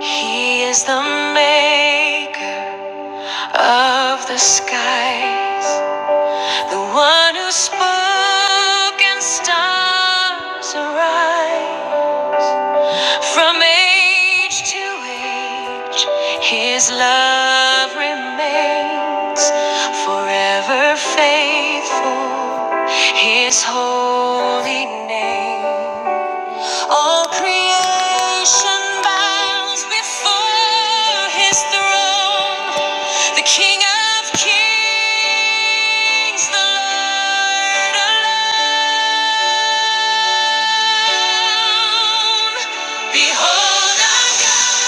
He is the maker of the skies, the one who spoke and stars arise. From age to age, his love remains forever faithful, his holy name. All creation bows before his throne, the King of kings, the Lord alone. Behold our God,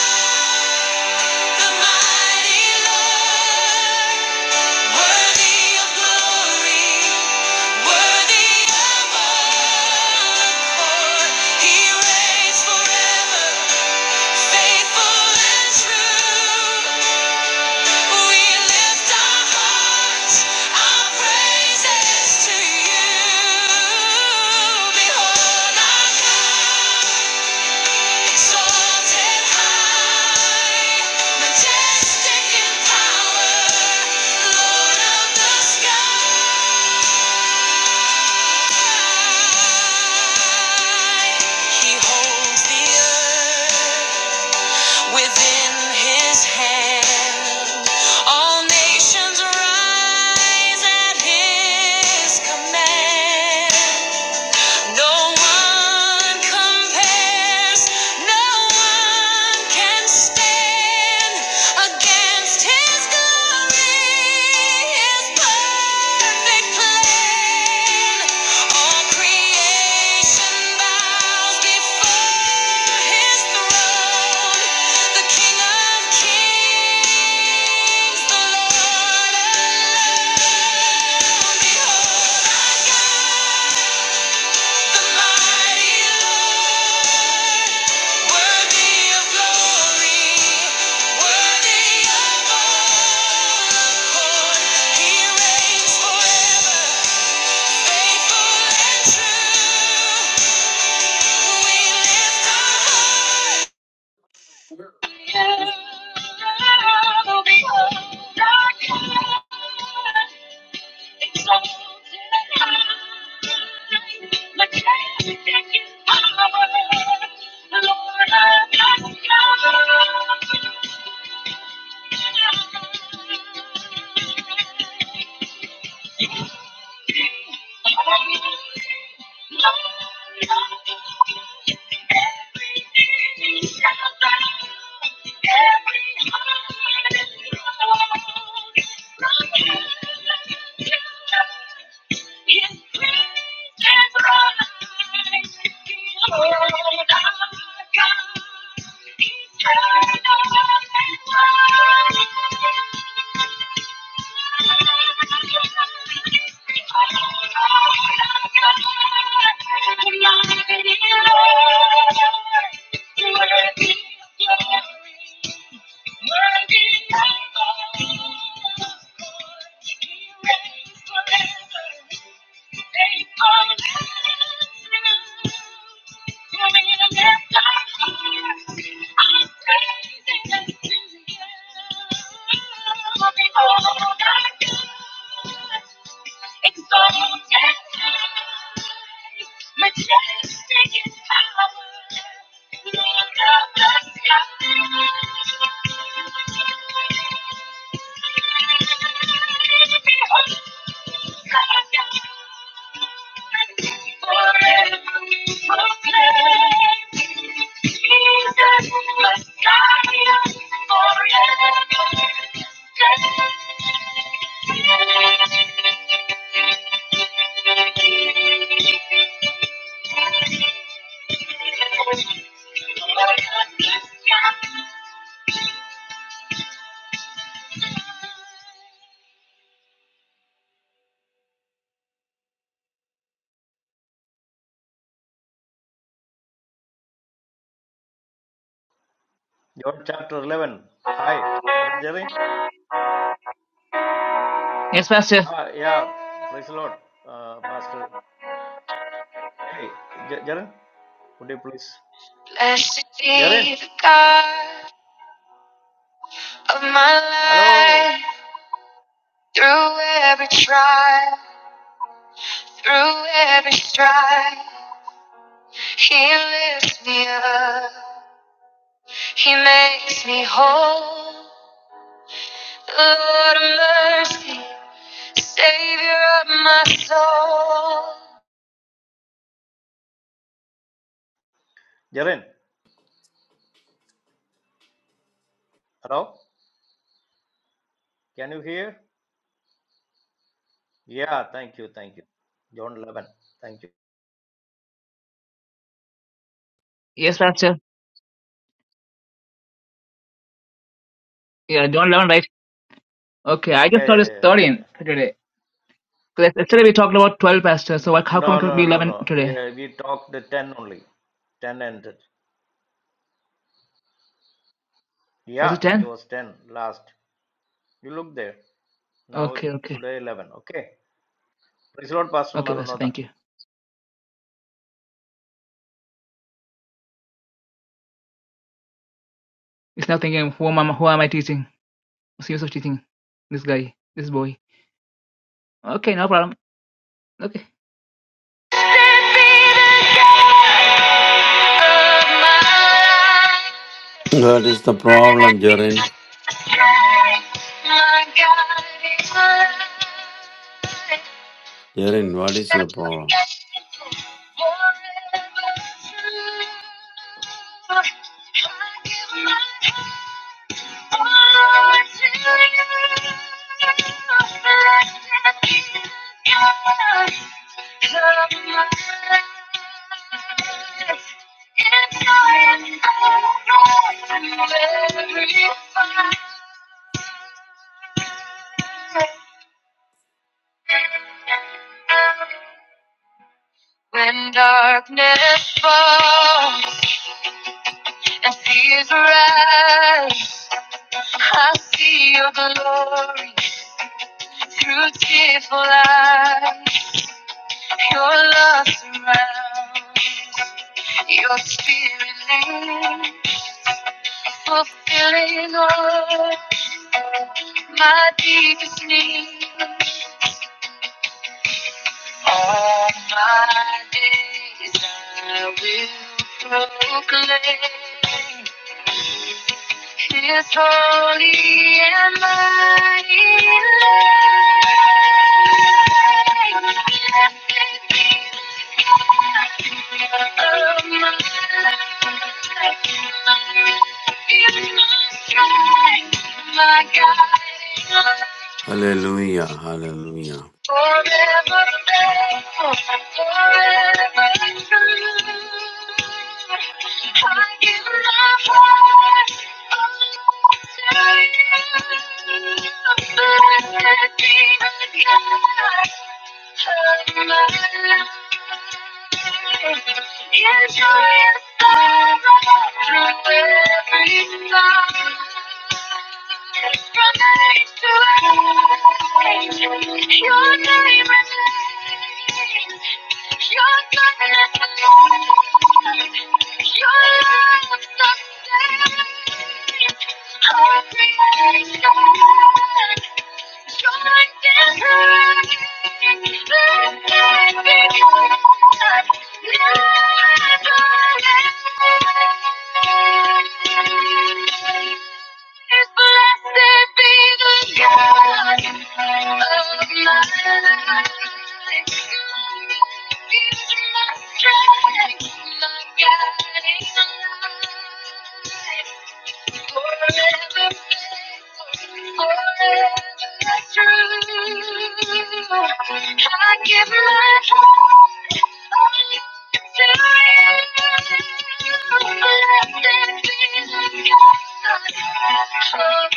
the mighty Lord, worthy of glory, worthy of honor. He reigns forever, faithful and true. Majestic in power, Lord of the sky. He holds the earth within his hand. All nations rise at his command. No one compares, no one can stand against his glory, his perfect plan. All creation bows before his throne, the King of Kings, the Lord alone. Behold, yeah. Thank you. All I got is dreams and bright. All I got is dreams and bright. Thank you. Majestic in power, Lord of the sky. John chapter 11. Hi, Brother Jerry. Yes, Pastor. Ah, yeah, praise the Lord, uh, Pastor. Hey, J- Jaren, would you please? Blessed Jaren, be the God of hello. my life. Through every trial, through every strife, He lifts me up. He makes me whole. Lord of mercy, Savior of my soul. Jaren, hello. Can you hear? Yeah, thank you, thank you. John 11, thank you. Yes, Pastor. Yeah, John 11, right? Okay, I Yeah, just yeah, noticed yeah, yeah. 13 yeah. for today. 'Cause Yesterday we talked about 12, Pastor. So N- what, how come it No, could no, be no, 11 no. today? Yeah, we talked the 10 only. 10 ended. Was Yeah, it it 10? was 10 last. You look there. Now, Okay, okay. today 11. Okay. Praise the Lord, Pastor Okay, Pastor, Maranatha. thank you. It's now thinking, who am, I, who am I teaching? What's the use of teaching this guy, this boy? Okay, no problem. Okay. My What is the problem, Jerin? God my Jerin, what is Forever your problem? true. I give my heart. When darkness falls and fears rise, I see your glory through tearful eyes. Your love surrounds, your spirit lives, fulfilling all my deepest needs. All my days I will proclaim His holy and mighty Blessed be the God of my life. He is my strength, my guiding light. Hallelujah, hallelujah. Forever faithful, forever true. I give my heart over to you. Blessed be the God of my life. Yes, I am. Your Thank you. Blessed be the God of my life. I give my heart to you. Let Blessed be the God. Of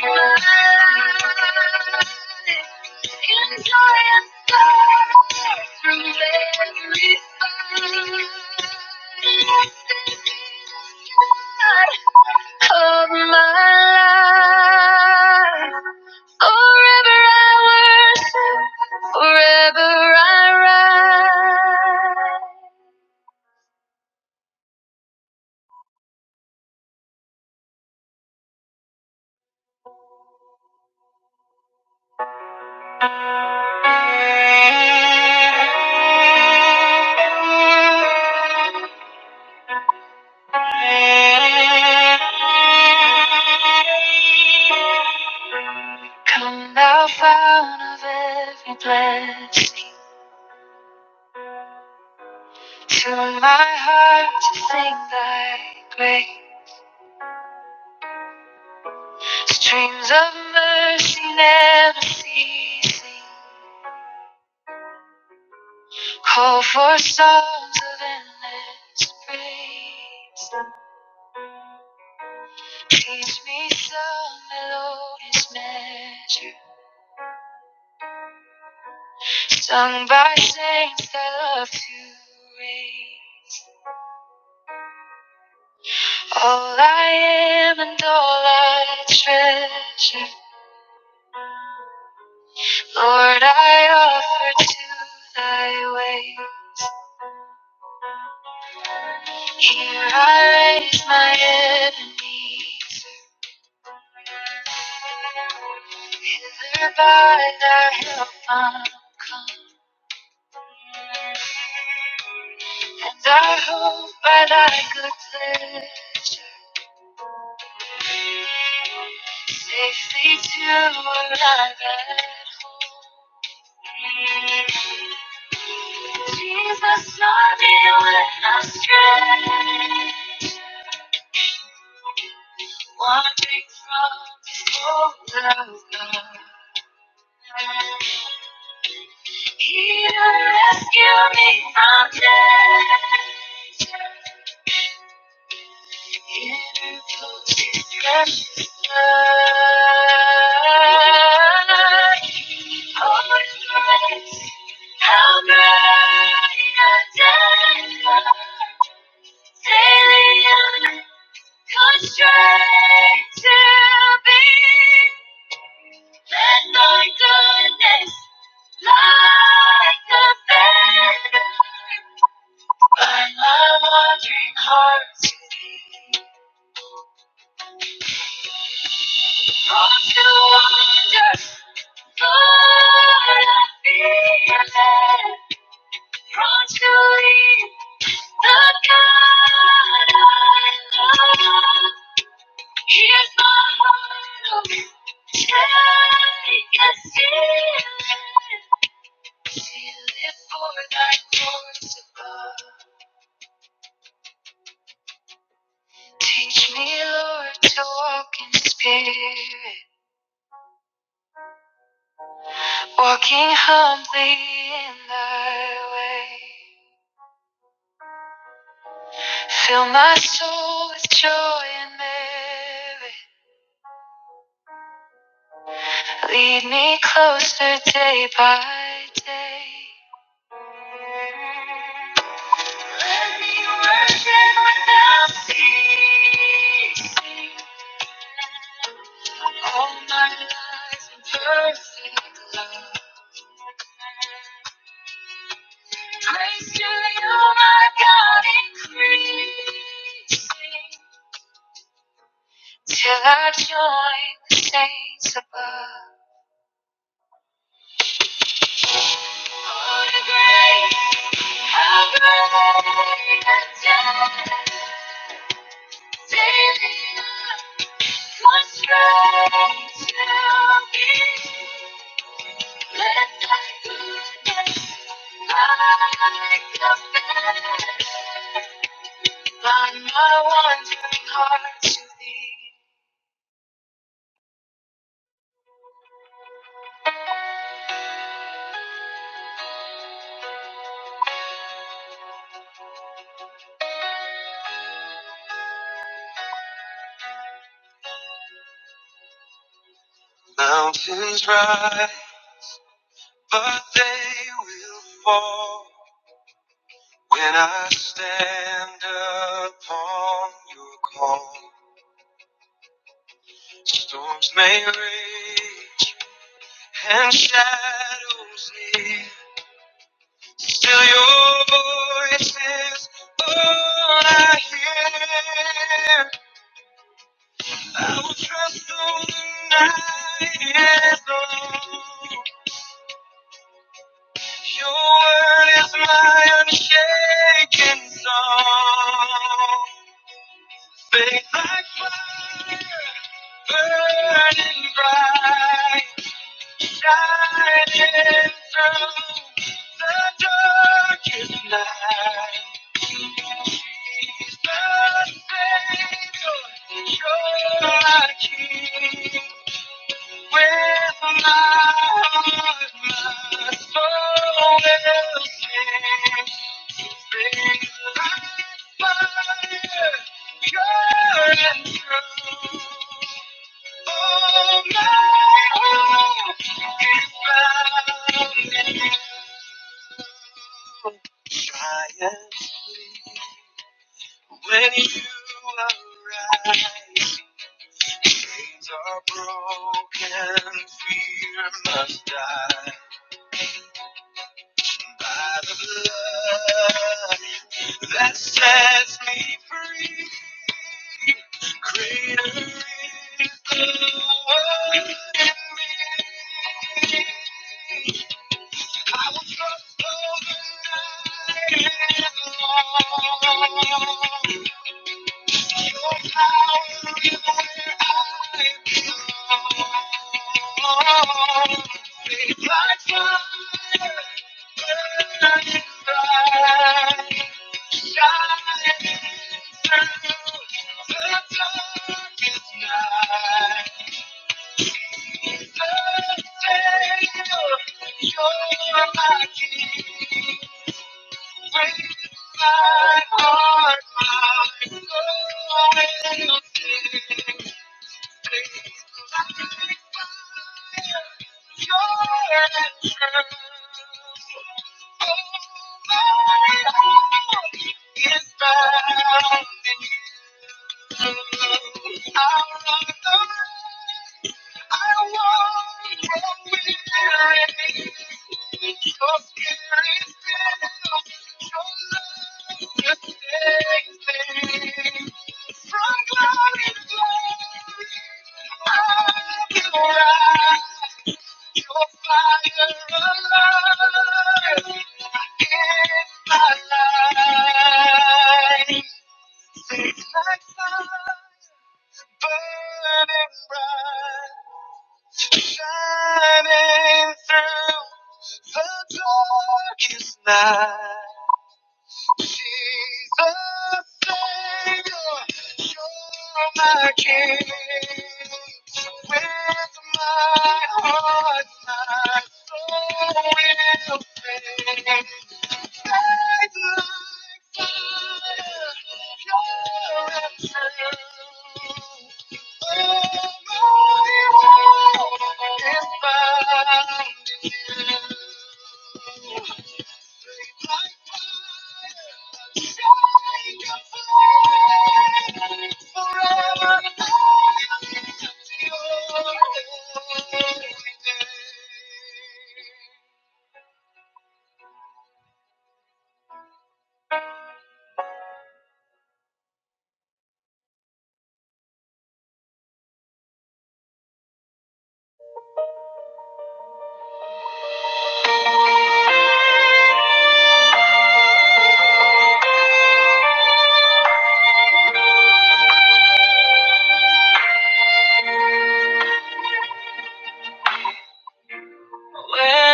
my life. Forever I worship, forever I rise. Come thou fount of every blessing, to my heart to sing thy grace. Streams of mercy never ceasing, call for songs of endless praise. Teach me some melodious measure. Sung by saints that love to raise all I am and all I treasure. Lord, I offer to thy ways. Here I raise my enemies. Hither by thy help I'm come. And I hope I like a pleasure, safely to arrive at home. Jesus, love me when I stray, wandering from the fold of God. He will rescue me from death. He puts his precious blood Oh, grace. How great a day! Daily I'm constrained to be. Let thy goodness like a banner bind my wandering heart to thee. Prone to wander, Lord, I feel led. Prone to leave the God I love. Here's my heart, oh, take and seal it. to live for thy course above. Teach me, Lord, to walk in spirit, walking humbly in thy way. Fill my soul with joy and merit. Lead me closer day by day. Let me worship without ceasing. All my life perfect love. Praise to you, my God, increasing. Till I join the saints above. Oh, the grace, how great the debt. Mountains rise, but they will fall when I stand upon your call. Storms may rage and shadows near. Still your voice is all I hear. I will trust all the night is long. Your word is my unshaken song. Faith like fire, burning bright, shining through the darkest night. Triumph, when you arise, chains are broken, fear must die. By the blood that sets me free, greater is the one in me. I will trust overnight and long. my my heart, Thank you. Your Thank you. From glory to glory, I will rise. Your fire alive in my life. It's like fire burning bright, shining through the darkest night. Jesus, Savior, you're my King. With my heart, my soul will sing. Guide like fire, pure and true. All my world is found in you.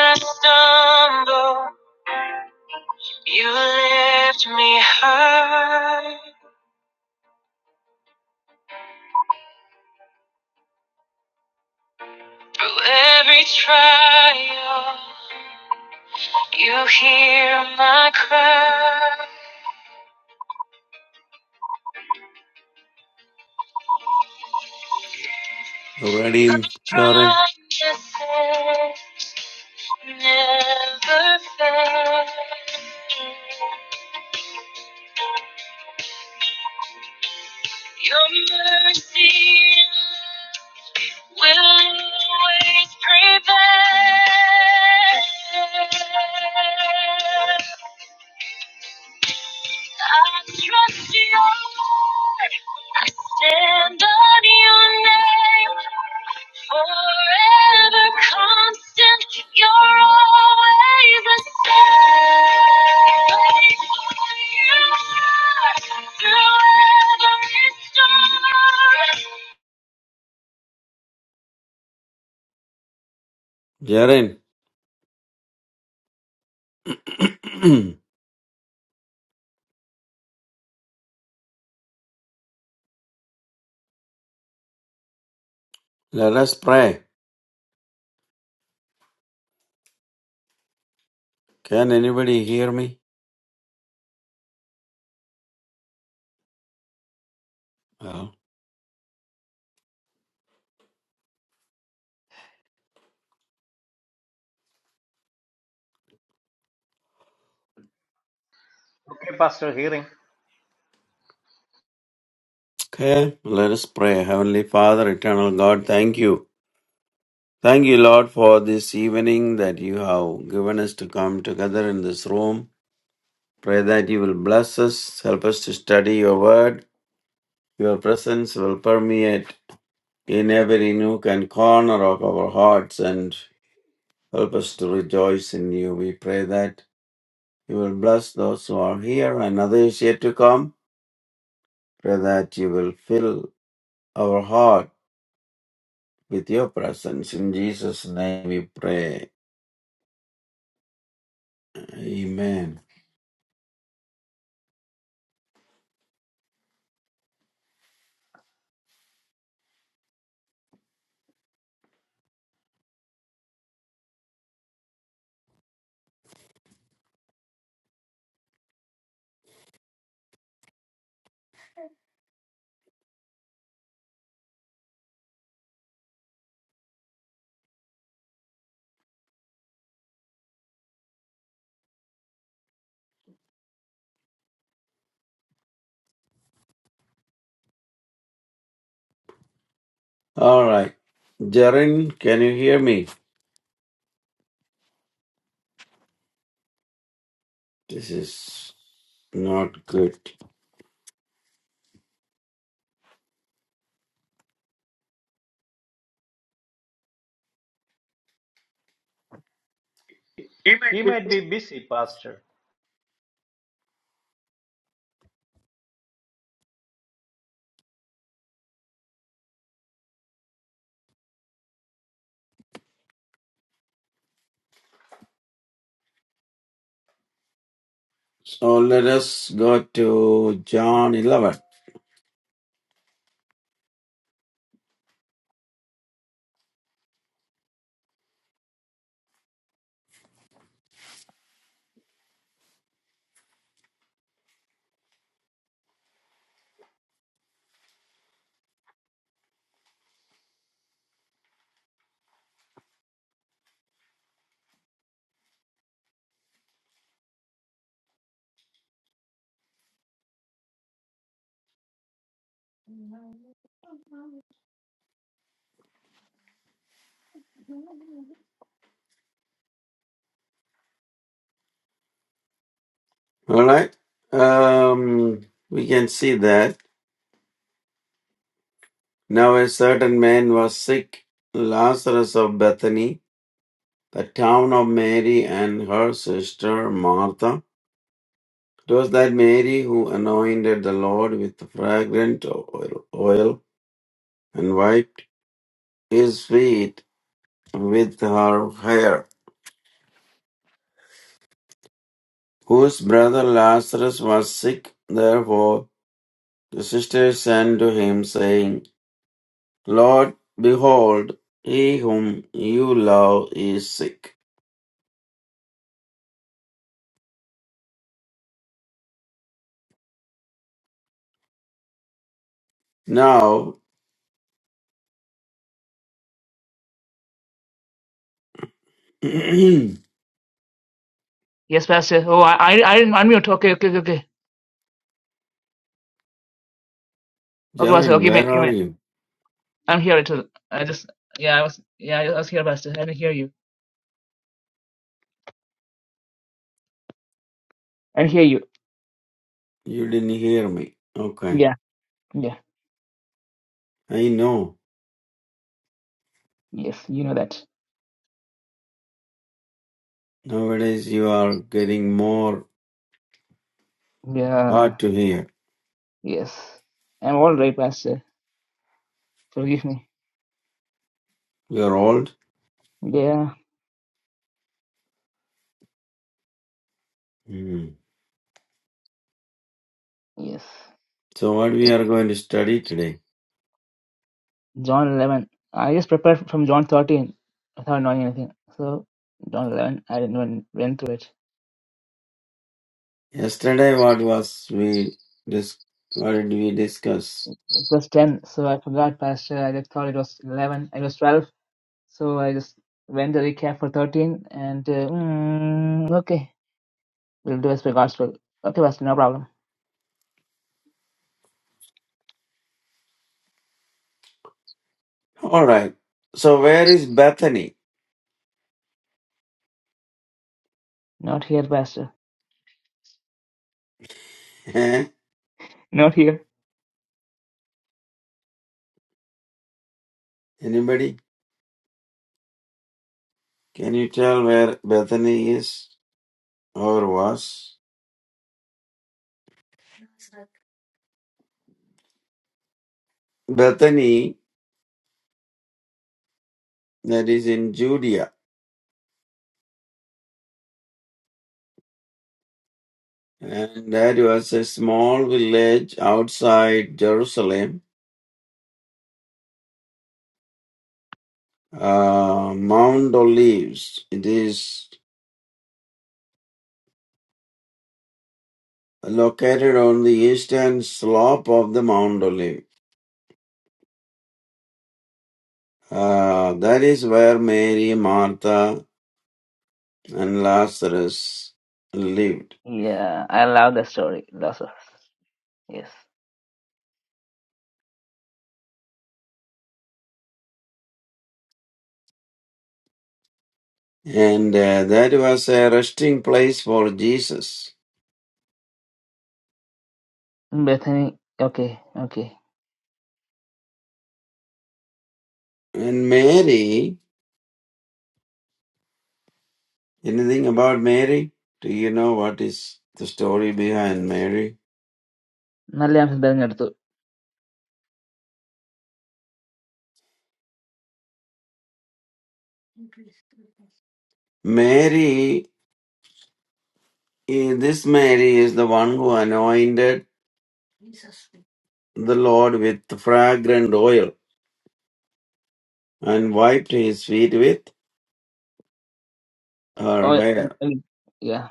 I stumble, you left me high trial. You are crazy. You ready, Jerin? promises never fail. Your mercy will always prevail. I trust you, Lord. I stand on your name. Forever constant, you're always the same. Faithful you are through every storm. Jerin, let us pray. Can anybody hear me? Well, Okay, Pastor, hearing. okay, let us pray. Heavenly Father, eternal God, thank you. Thank you, Lord, for this evening that you have given us to come together in this room. Pray that you will bless us, help us to study your word. Your presence will permeate in every nook and corner of our hearts and help us to rejoice in you. We pray that you will bless those who are here and others yet to come. Pray that you will fill our heart with your presence. In Jesus' name we pray. Amen. All right. Jaren, can you hear me? This is not good. He might be busy, Pastor. So let us go to John 11. All right. Um, we can see that. Now a certain man was sick, Lazarus of Bethany, the town of Mary and her sister Martha. It was that Mary who anointed the Lord with fragrant oil oil and wiped his feet with her hair, whose brother Lazarus was sick. Therefore the sisters sent to him, saying, Lord, behold, he whom you love is sick. Now Yes, Pastor. Oh, I, I, I didn't unmute. Okay, okay, okay. okay. Okay, Pastor. Jaren, Okay, may, where you are may. you? I'm here. It was, I just, yeah, I was, yeah, I was here, Pastor. I can hear you. I did hear you. You didn't hear me. Okay. Yeah, yeah, I know. yes, you know that. Nowadays you are getting more Yeah, hard to hear. yes. I'm all right, Pastor. Forgive me. You are old. Yeah, Hmm. yes. So what we Yeah. are going to study today? John 11. I just prepared from John 13 without knowing anything. So, John 11, I didn't even went through it. Yesterday what was we dis- what did we discuss? It was 10, so I forgot, Pastor. I just thought it was 11. It was 12. So, I just went to recap for 13 and, uh, mm, okay. We'll do as regards to. Okay, Buster, no problem. All right. So where is Bethany? Not here, Buster. Eh? Not here. Anybody? Can you tell where Bethany is or was? Bethany that is in Judea And that was a small village outside Jerusalem, uh, Mount Olives. It is located on the eastern slope of the Mount Olive. Uh, that is where Mary, Martha, and Lazarus lived. Yeah, I love the story. That's all. Yes. And uh, that was a resting place for Jesus. Bethany, okay, okay. And Mary, anything about Mary? Do you know what is the story behind Mary? നല്ല answer തിരഞ്ഞെടുത്തു Mary Eh, This Mary is the one who anointed the Lord with fragrant oil and wiped his feet with her ഓ, hair. I- yeah.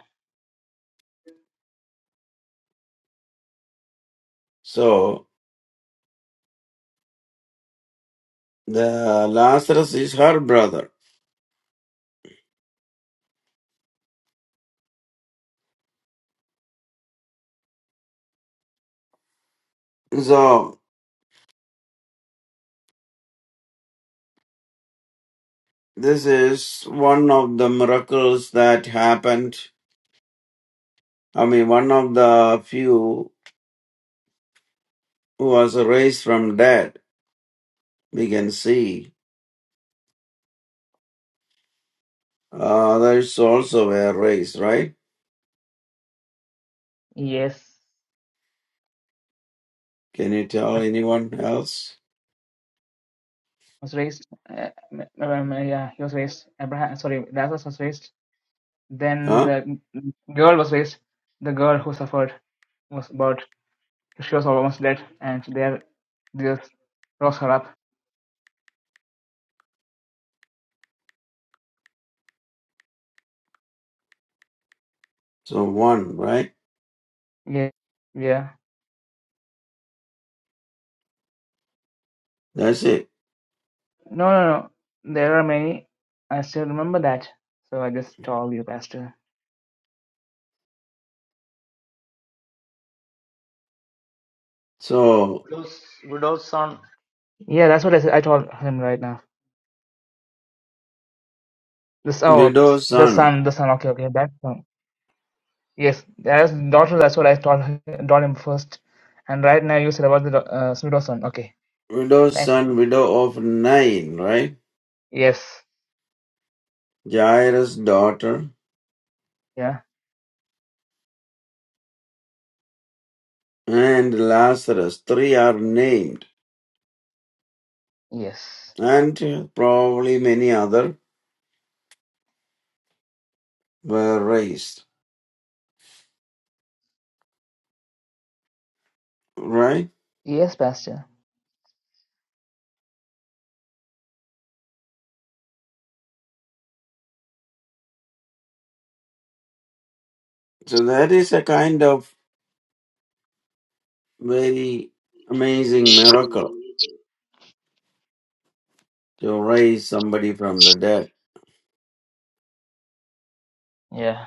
So the Lazarus is her brother. So this is one of the miracles that happened. I mean, one of the few who was raised from dead. We can see others also were raised, right? Yes. Can you tell That anyone else? was raised. Uh, um, yeah, he was raised. Abraham, sorry, Lazarus was raised. Then Huh? the girl was raised. The girl who suffered was about, she was almost dead, and there Jesus rose her up. So one, right? Yeah, yeah. That's it. No, no, no. There are many. I still remember that. So I just told you, Pastor. So, Widow's, widow's son. Yeah, that's what I said. I told him right now. This, oh, widow the son, son, the son. Okay, okay, that son. Yes, that's daughter. That's what I told him, told him first. And right now you said about the do- uh, pseudo son. Okay, widow thank you. son, widow of nine, right? Yes. Jairus' daughter Yeah. and Lazarus, three are named, Yes. and probably many other were raised, right? Yes, Pastor. So that is a kind of very amazing miracle to raise somebody from the dead. Yeah.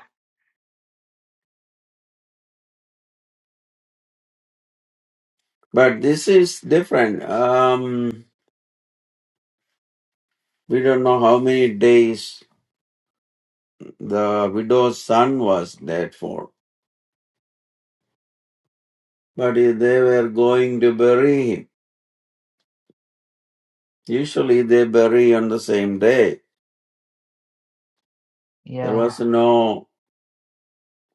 But this is different. Um, we don't know how many days the widow's son was dead for But they were going to bury him, usually they bury on the same day. There Yeah. was no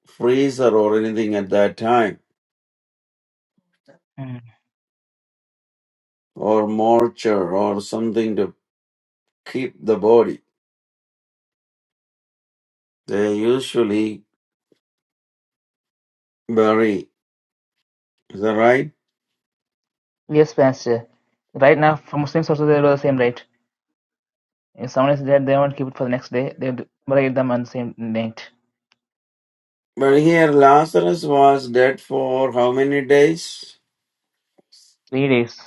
freezer or anything at that time, Mm. or mortar or something to keep the body. They usually bury. Is that right? Yes, Pastor. Right now, for Muslims also they do the same, right? If someone is dead, they won't keep it for the next day. They will bury them on the same night. But here Lazarus was dead for how many days? Three days.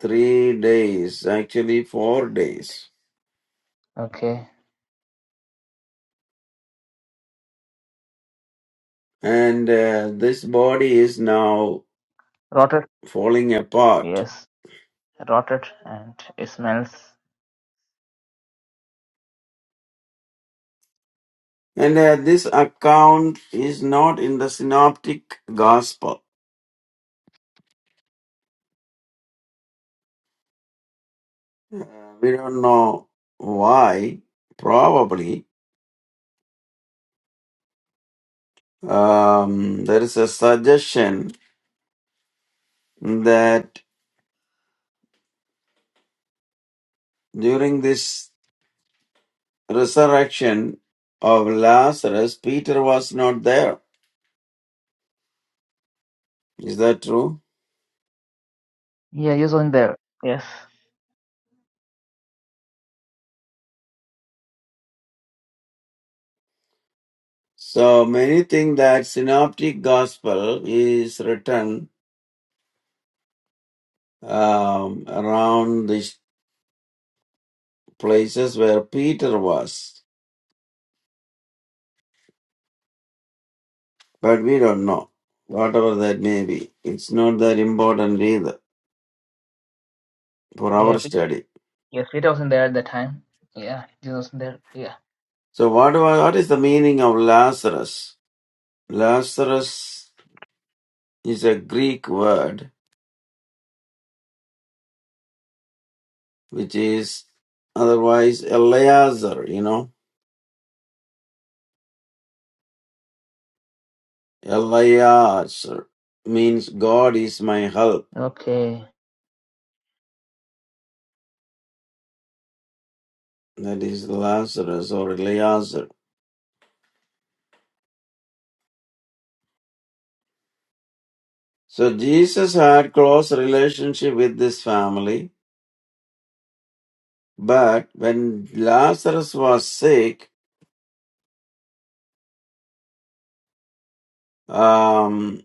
Three days, actually four days. Okay. And uh, this body is now Rotted. falling apart Yes. Rotted and it smells. And uh, this account is not in the synoptic gospel. Uh, we don't know why. Probably um, there is a suggestion that during this resurrection of Lazarus, Peter was not there. Is that true? Yeah, he was not there. Yes. So many think that synoptic gospel is written um, around these places where Peter was. But we don't know. Whatever that may be, it's not that important either for Yeah. our Pe- study. Yes, Peter was not there at the time. Yeah, Jesus was not there. Yeah. So, what, wa- what is the meaning of Lazarus? Lazarus is a Greek word which is otherwise Eleazar, you know. Eleazar means God is my help. Okay. That is Lazarus or Eleazar. So, Jesus had close relationship with this family, but when Lazarus was sick, um,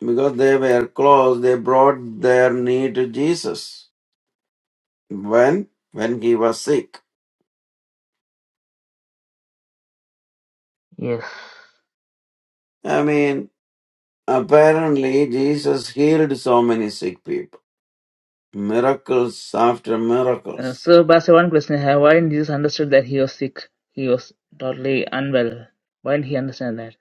because they were close, they brought their need to Jesus when when he was sick. Yes. I mean, apparently Jesus healed so many sick people, miracles after Uh, miracles. so, Pastor, one question I have. Why didn't Jesus understood that he was sick? He was totally unwell. Why didn't he understand that?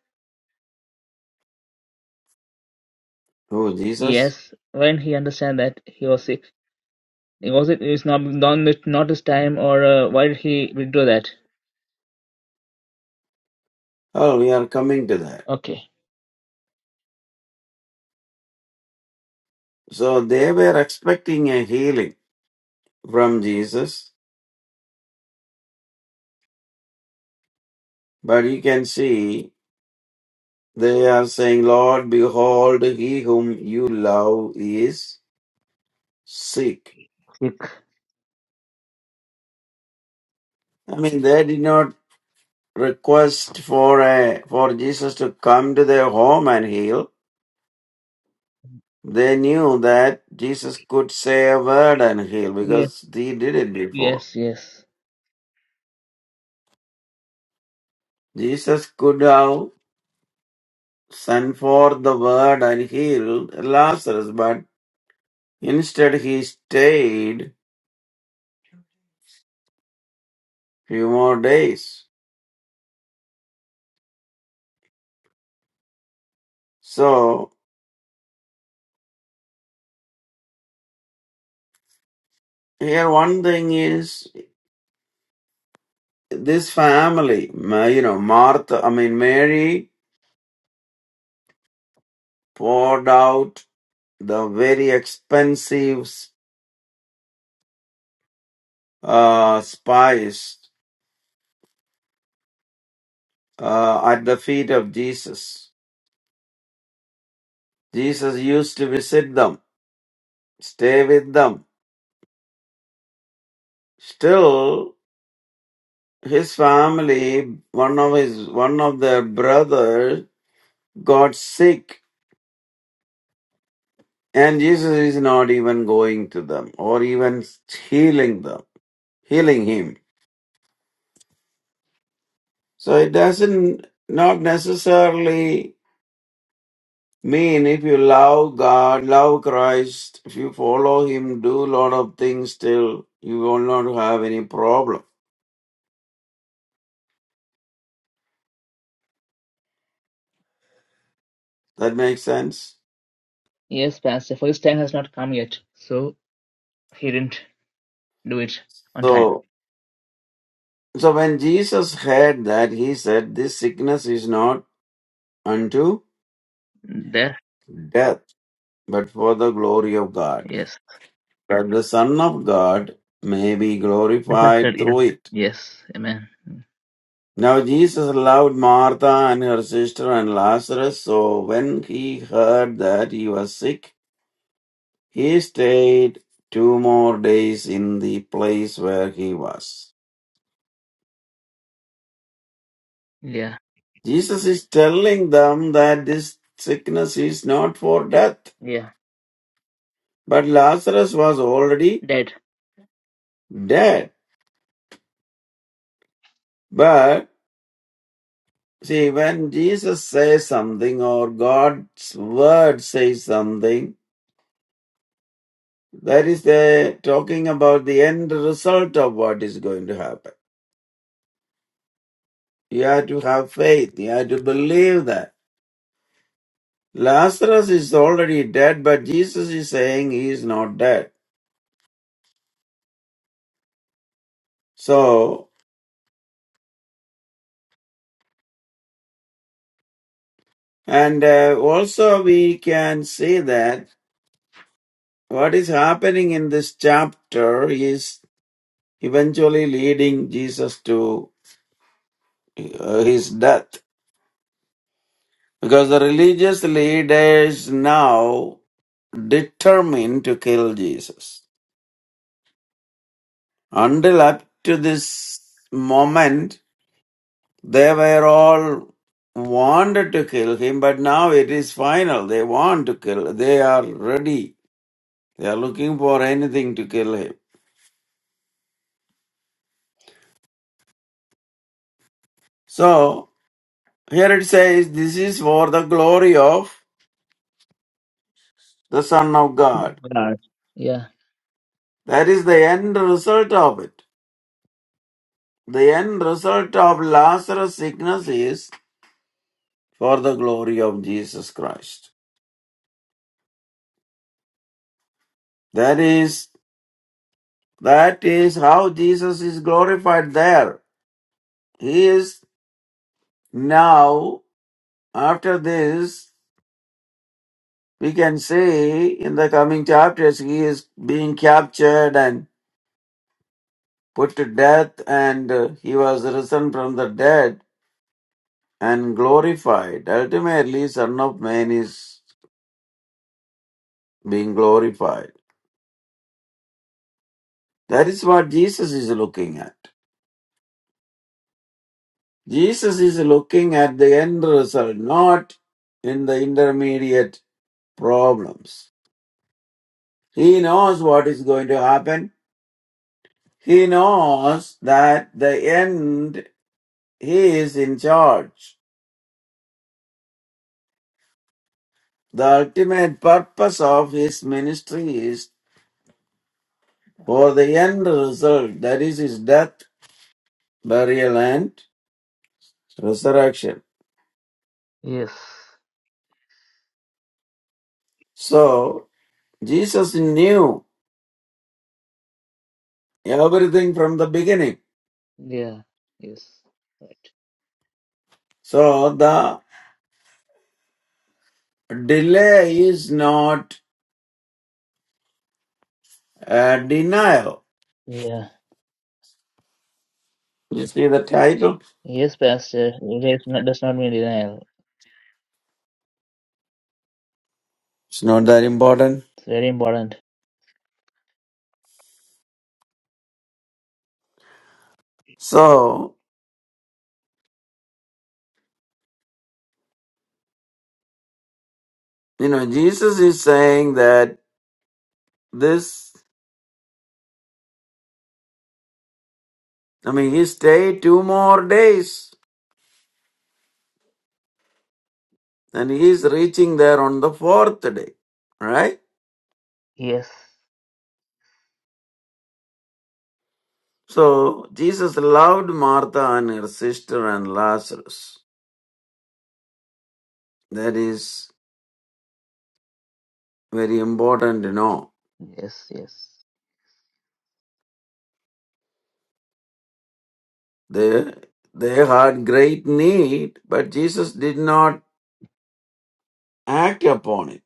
Who Jesus? Yes. Why didn't he understand that he was sick? It was it is not not not his time or uh, why did he withdraw that? Oh, we are coming to that. Okay. So they were expecting a healing from Jesus, but you can see they are saying, "Lord, behold, he whom you love is sick." Sick. I mean, they did not request for a for Jesus to come to their home and heal. They knew that Jesus could say a word and heal Yes. because he did it before. Yes. Yes. Jesus could have sent forth the word and healed Lazarus, but instead he stayed few more days. So here one thing is this family, Ma- you know, Martha, I mean Mary poured out the very expensive uh, spies uh, at the feet of Jesus. Jesus used to visit them, stay with them. Still, his family, one of his, one of their brothers got sick and Jesus is not even going to them or even healing them, healing him. So it doesn't, not necessarily Mean if you love God, love Christ, if you follow Him, do lot of things, still you will not have any problem. That makes sense. Yes, Pastor, for his time has not come yet, so he didn't do it on time. So, so when Jesus heard that, he said, "This sickness is not unto There, death, but for the glory of God, yes, that the Son of God may be glorified Understood, yeah. through it." yes, amen. Now Jesus loved Martha and her sister and Lazarus. So when he heard that he was sick, He stayed two more days in the place where he was. Yeah, Jesus is telling them that this sickness is not for death. yeah, But Lazarus was already dead. dead. But see, when Jesus says something or God's word says something, that is the talking about the end result of what is going to happen. You have to have faith. You have to believe that. Lazarus is already dead, but Jesus is saying he is not dead. So, and uh, also we can see that what is happening in this chapter is eventually leading Jesus to uh, his death. Because the religious leaders now determined to kill Jesus. Until up to this moment, They were all wanted to kill him, but now it is final. They want to kill. They are ready. They are looking for anything to kill him. So here it says, this is for the glory of the Son of God. God. Yeah, That is the end result of it. The end result of Lazarus' sickness is for the glory of Jesus Christ. That is, that is how Jesus is glorified there. He is now After this, we can say in the coming chapters, he is being captured and put to death, and uh, he was risen from the dead and glorified. Ultimately, Son of Man is being glorified. That is what Jesus is looking at. Jesus is looking at the end result, not in the intermediate problems. He knows what is going to happen. He knows that the end He is in charge. The ultimate purpose of his ministry is for the end result, that is his death, burial, and resurrection. yes, So, Jesus knew everything from the beginning. yeah, yes, right. So, the delay is not a denial. Yeah, You see the title? yes, Pastor, erase not, does not mean denial. It's not that important. It's very important. So, you know, Jesus is saying that this, I mean, he stayed two more days and he is reaching there on the fourth day. Right? Yes, So Jesus loved Martha and her sister and Lazarus. That is very important to know. yes, yes. They they had great need, but Jesus did not act upon it.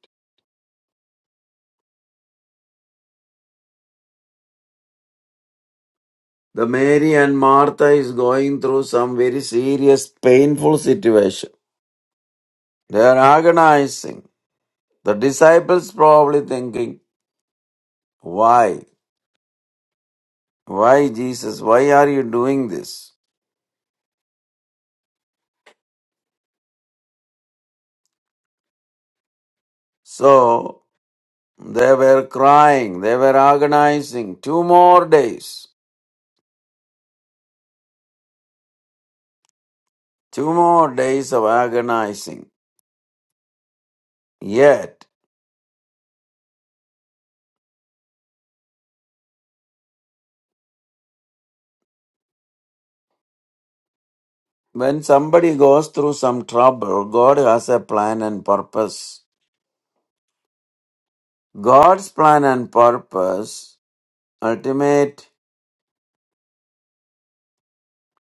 The Mary and Martha is going through some very serious, painful situation. They are agonizing. The disciples probably thinking, why? Why Jesus? Why are you doing this? So they were crying, they were agonizing. Two more days, two more days of agonizing. Yet, when somebody goes through some trouble, God has a plan and purpose. God's plan and purpose, ultimate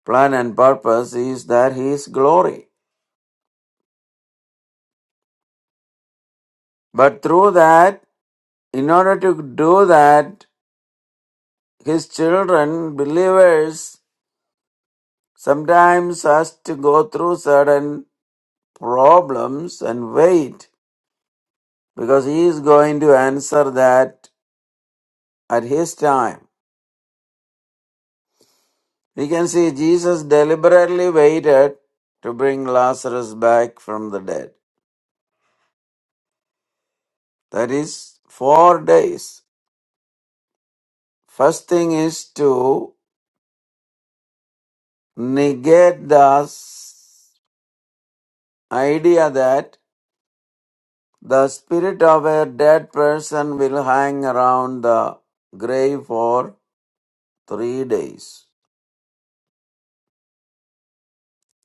plan and purpose, is that His glory. But through that, in order to do that, His children, believers, sometimes has to go through certain problems and wait because he is going to answer that at his time. We can see Jesus deliberately waited to bring Lazarus back from the dead. That is four days. First thing is to negate the idea that the spirit of a dead person will hang around the grave for three days.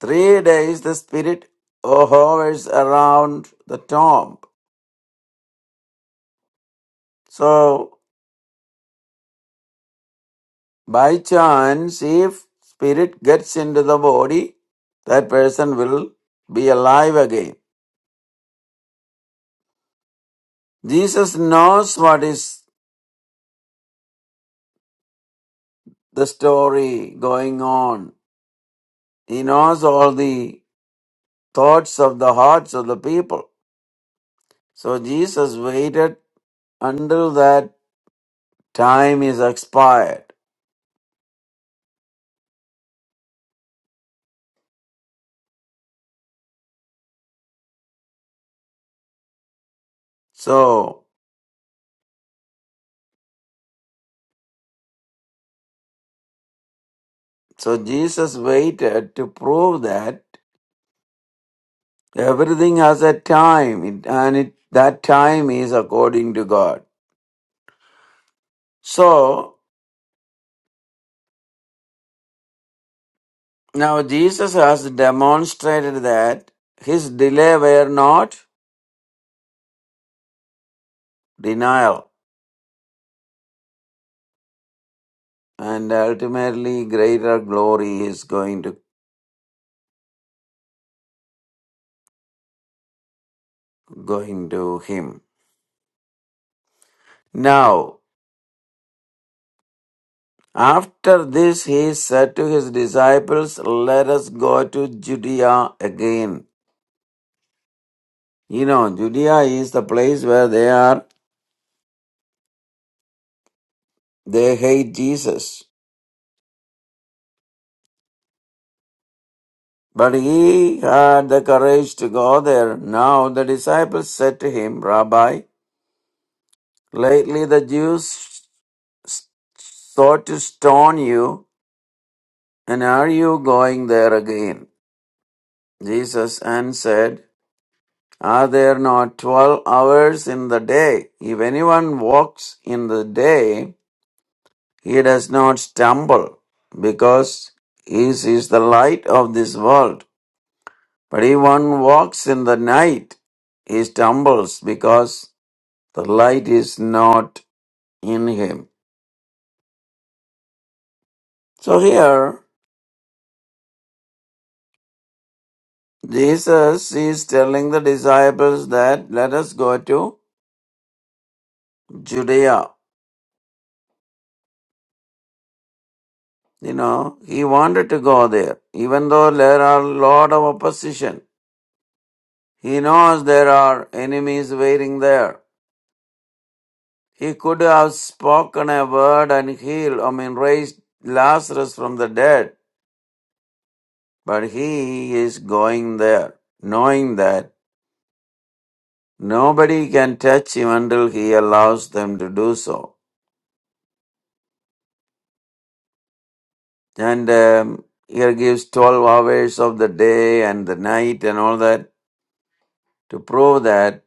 Three days the spirit oh, hovers around the tomb. So by chance, if spirit gets into the body, that person will be alive again. Jesus knows what is the story going on. He knows all the thoughts of the hearts of the people. So Jesus waited until that time is expired. So so Jesus waited to prove that Everything has a time, it- and it, that time is according to God. So, now Jesus has demonstrated that his delay were not denial, and ultimately greater glory is going to, going to him. Now, after this, he said to his disciples, Let us go to Judea again. You know, Judea is the place where they are, they hate Jesus But he had the courage to go there. Now the disciples said to him, Rabbi, lately the Jews sought to stone you, and are you going there again? Jesus answered, Are there not twelve hours in the day? If anyone walks in the day, he does not stumble, because he is the light of this world. But if one walks in the night, he stumbles because the light is not in him. So here, Jesus is telling the disciples that let us go to Judea. You know, he wanted to go there, even though there are a lot of opposition. He knows there are enemies waiting there. He could have spoken a word and healed, I mean, raised Lazarus from the dead But he is going there, knowing that nobody can touch him until he allows them to do so. And um, here gives 12 hours of the day and the night and all that to prove that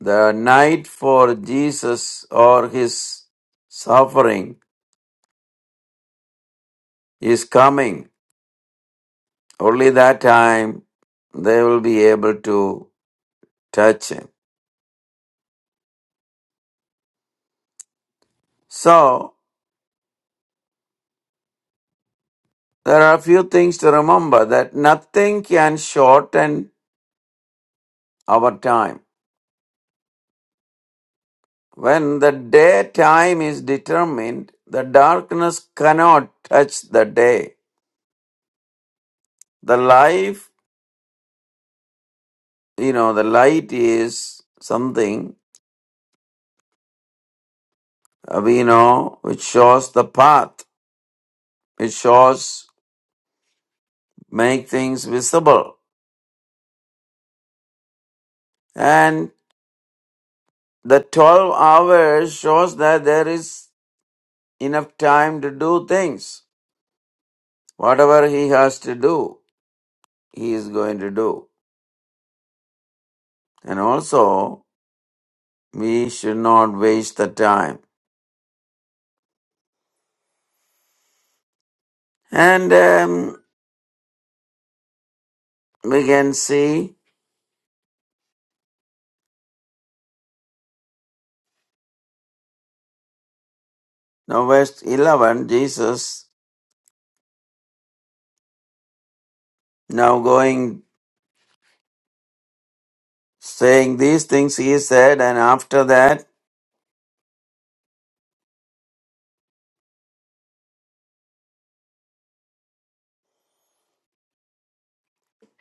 the night for Jesus or his suffering is coming. Only that time they will be able to touch him. So, there are a few things to remember that nothing can shorten our time. When the daytime is determined, the darkness cannot touch the day. The life, you know, the light is something uh, we know which shows the path, it shows make things visible. And the 12 hours shows that there is enough time to do things. Whatever he has to do, he is going to do. And also, we should not waste the time And um, we can see now verse 11, Jesus now going, saying these things he said, and after that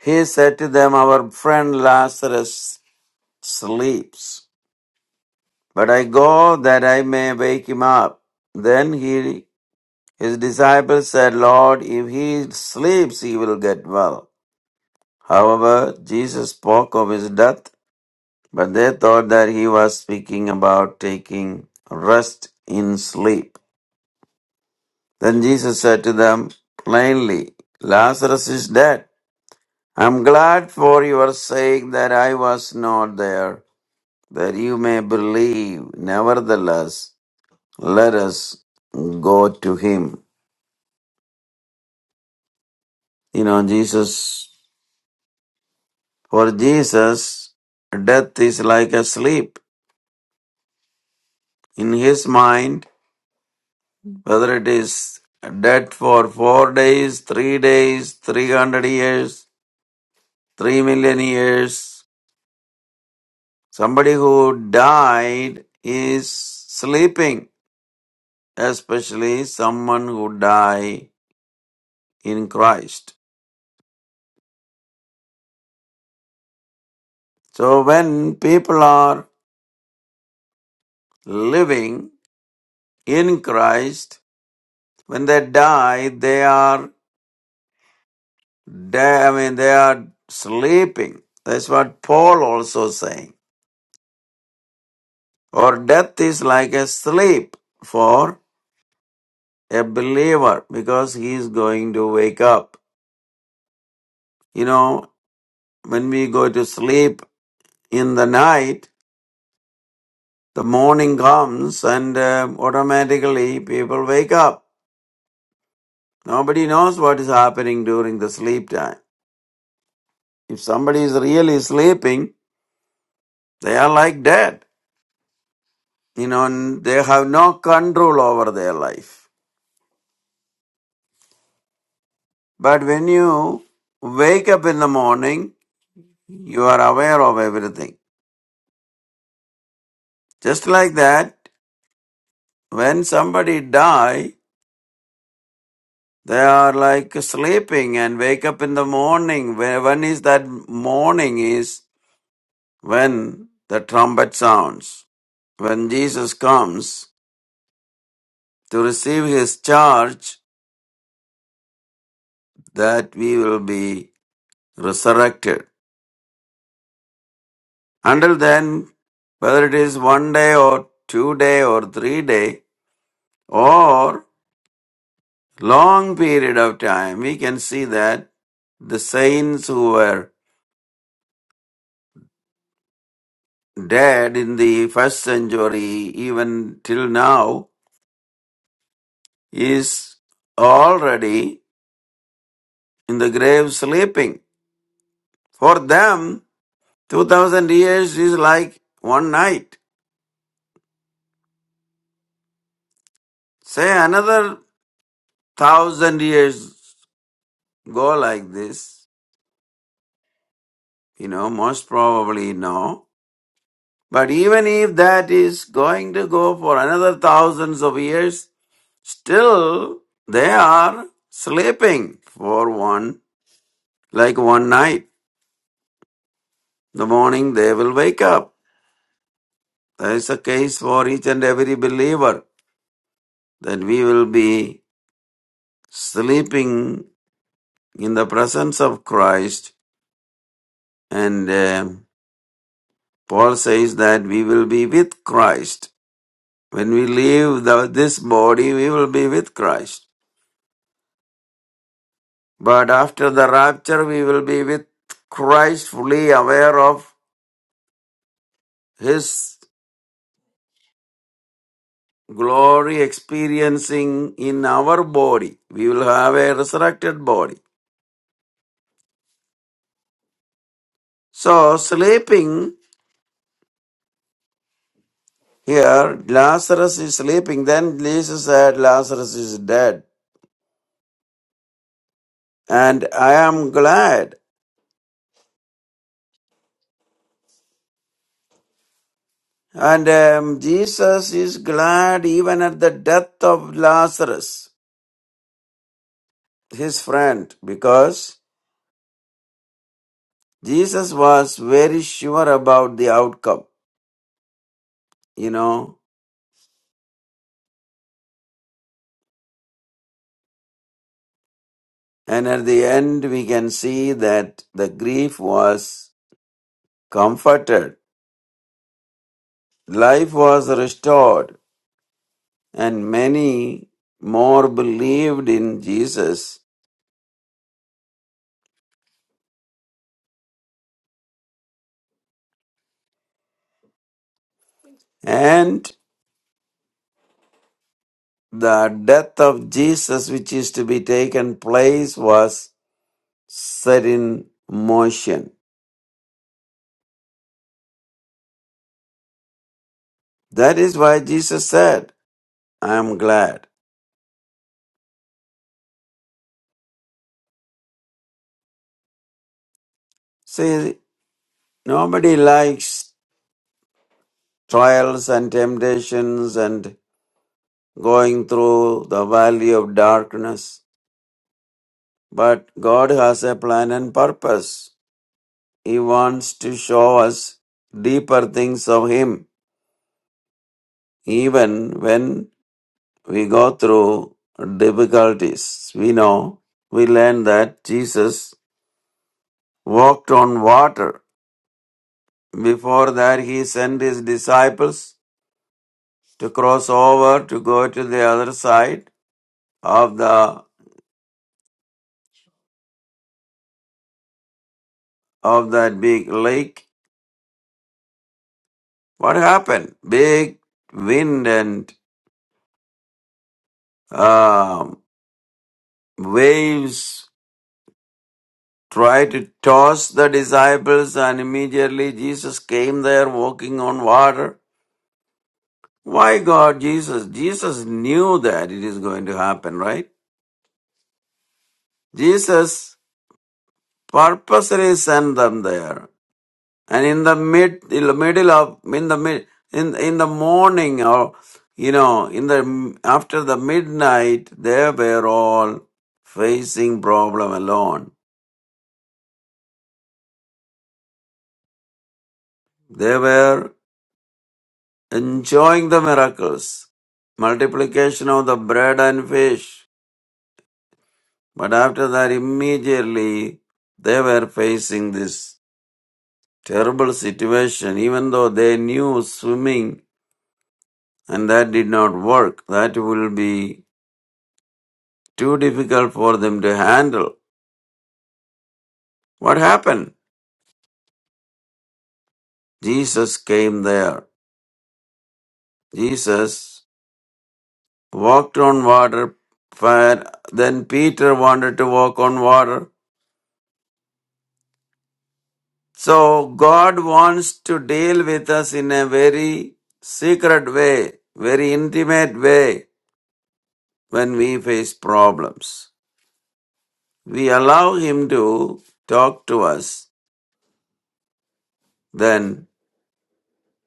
he said to them, our friend Lazarus sleeps, but I go that I may wake him up. Then he, his disciples said, Lord, if he sleeps, he will get well. However, Jesus spoke of his death But they thought that he was speaking about taking rest in sleep. Then Jesus said to them plainly, Lazarus is dead. I'm glad for your sake that I was not there, that you may believe. Nevertheless, let us go to him. You know, Jesus, for Jesus, death is like a sleep. In his mind, whether it is death for four days, three days, 300 years, 3 million years. Somebody who died is sleeping, especially someone who died in Christ. So when people are living in Christ, when they die, they are dead, I mean, they are sleeping. That's what Paul also saying. Or death is like a sleep for a believer because he is going to wake up. You know, when we go to sleep in the night, the morning comes and uh, automatically people wake up. Nobody knows what is happening during the sleep time. If somebody is really sleeping, they are like dead. You know, and they have no control over their life. But when you wake up in the morning, you are aware of everything. Just like that, when somebody die They are like sleeping and wake up in the morning. When is that morning? Is when the trumpet sounds. When Jesus comes to receive his charge, that we will be resurrected. Until then, whether it is one day or two day or three day or long period of time, we can see that the saints who were dead in the first century, even till now, is already in the grave sleeping. For them, 2000 years is like one night. Say another thousand years go like this, you know, most probably no. But even if that is going to go for another thousands of years, still they are sleeping for one, like one night. In the morning they will wake up. There is a case for each and every believer that we will be sleeping in the presence of Christ. And um Paul says that we will be with Christ. When we leave the, this body, we will be with Christ. But after the rapture, we will be with Christ, fully aware of His glory experiencing in our body. We will have a resurrected body. So sleeping here, Lazarus is sleeping. Then Jesus said, Lazarus is dead. And I am glad. And um, Jesus is glad even at the death of Lazarus, his friend, because Jesus was very sure about the outcome, you know. And at the end, we can see that the grief was comforted, life was restored and many more believed in Jesus. And the death of Jesus, which is to be taken place, was set in motion. That is why Jesus said, I am glad. See, nobody likes trials and temptations and going through the valley of darkness. But God has a plan and purpose. He wants to show us deeper things of Him Even when we go through difficulties, we know, we learn that Jesus walked on water. Before that, he sent his disciples to cross over to go to the other side of the of that big lake. What happened? Big wind and um, waves tried to toss the disciples, and immediately Jesus came there walking on water Why God, Jesus? Jesus knew that it is going to happen, right? Jesus purposely sent them there. And in the mid, in the middle of, in the mid, in, in the morning or, you know, in the, after the midnight, they were all facing problem alone. They were enjoying the miracles, multiplication of the bread and fish. But after that, immediately they were facing this Terrible situation, even though they knew swimming and that did not work. That will be too difficult for them to handle. What happened? Jesus came there. Jesus walked on water, fire. Then Peter wanted to walk on water. So God wants to deal with us in a very secret way, very intimate way when we face problems. we allow Him to talk to us, then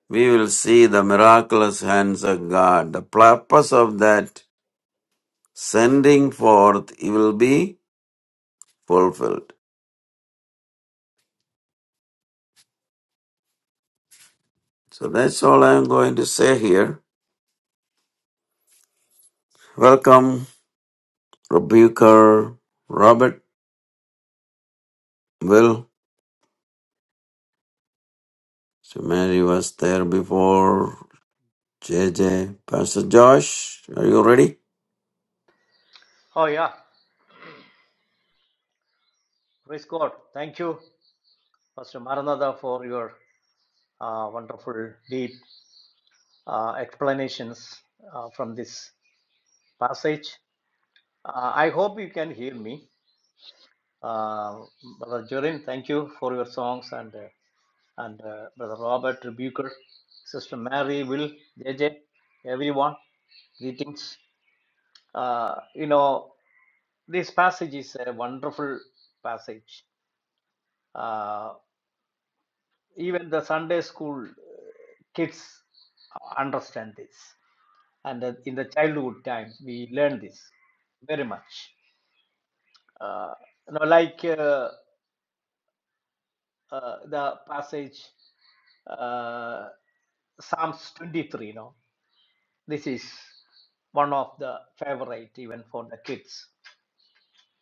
we will see the miraculous hands of God. The purpose of that sending forth it will be fulfilled. So that's all I'm going to say here. Welcome, Rebuker, Robert, Will. So Mary was there before. J J, Pastor Josh, are you ready? Oh, yeah. Praise God. Thank you, Pastor Maranatha, for your uh, wonderful, deep uh, explanations uh, from this passage. Uh, I hope you can hear me. Uh, Brother Jorin, thank you for your songs, and uh, and uh, Brother Robert Rebuker, Sister Mary, Will, JJ, everyone. Greetings. Uh, you know, this passage is a wonderful passage Uh, even the Sunday school uh, kids understand this, and uh, in the childhood times we learn this very much. Uh, you know, like uh, uh, the passage uh, Psalms 23. You know, this is one of the favorite even for the kids.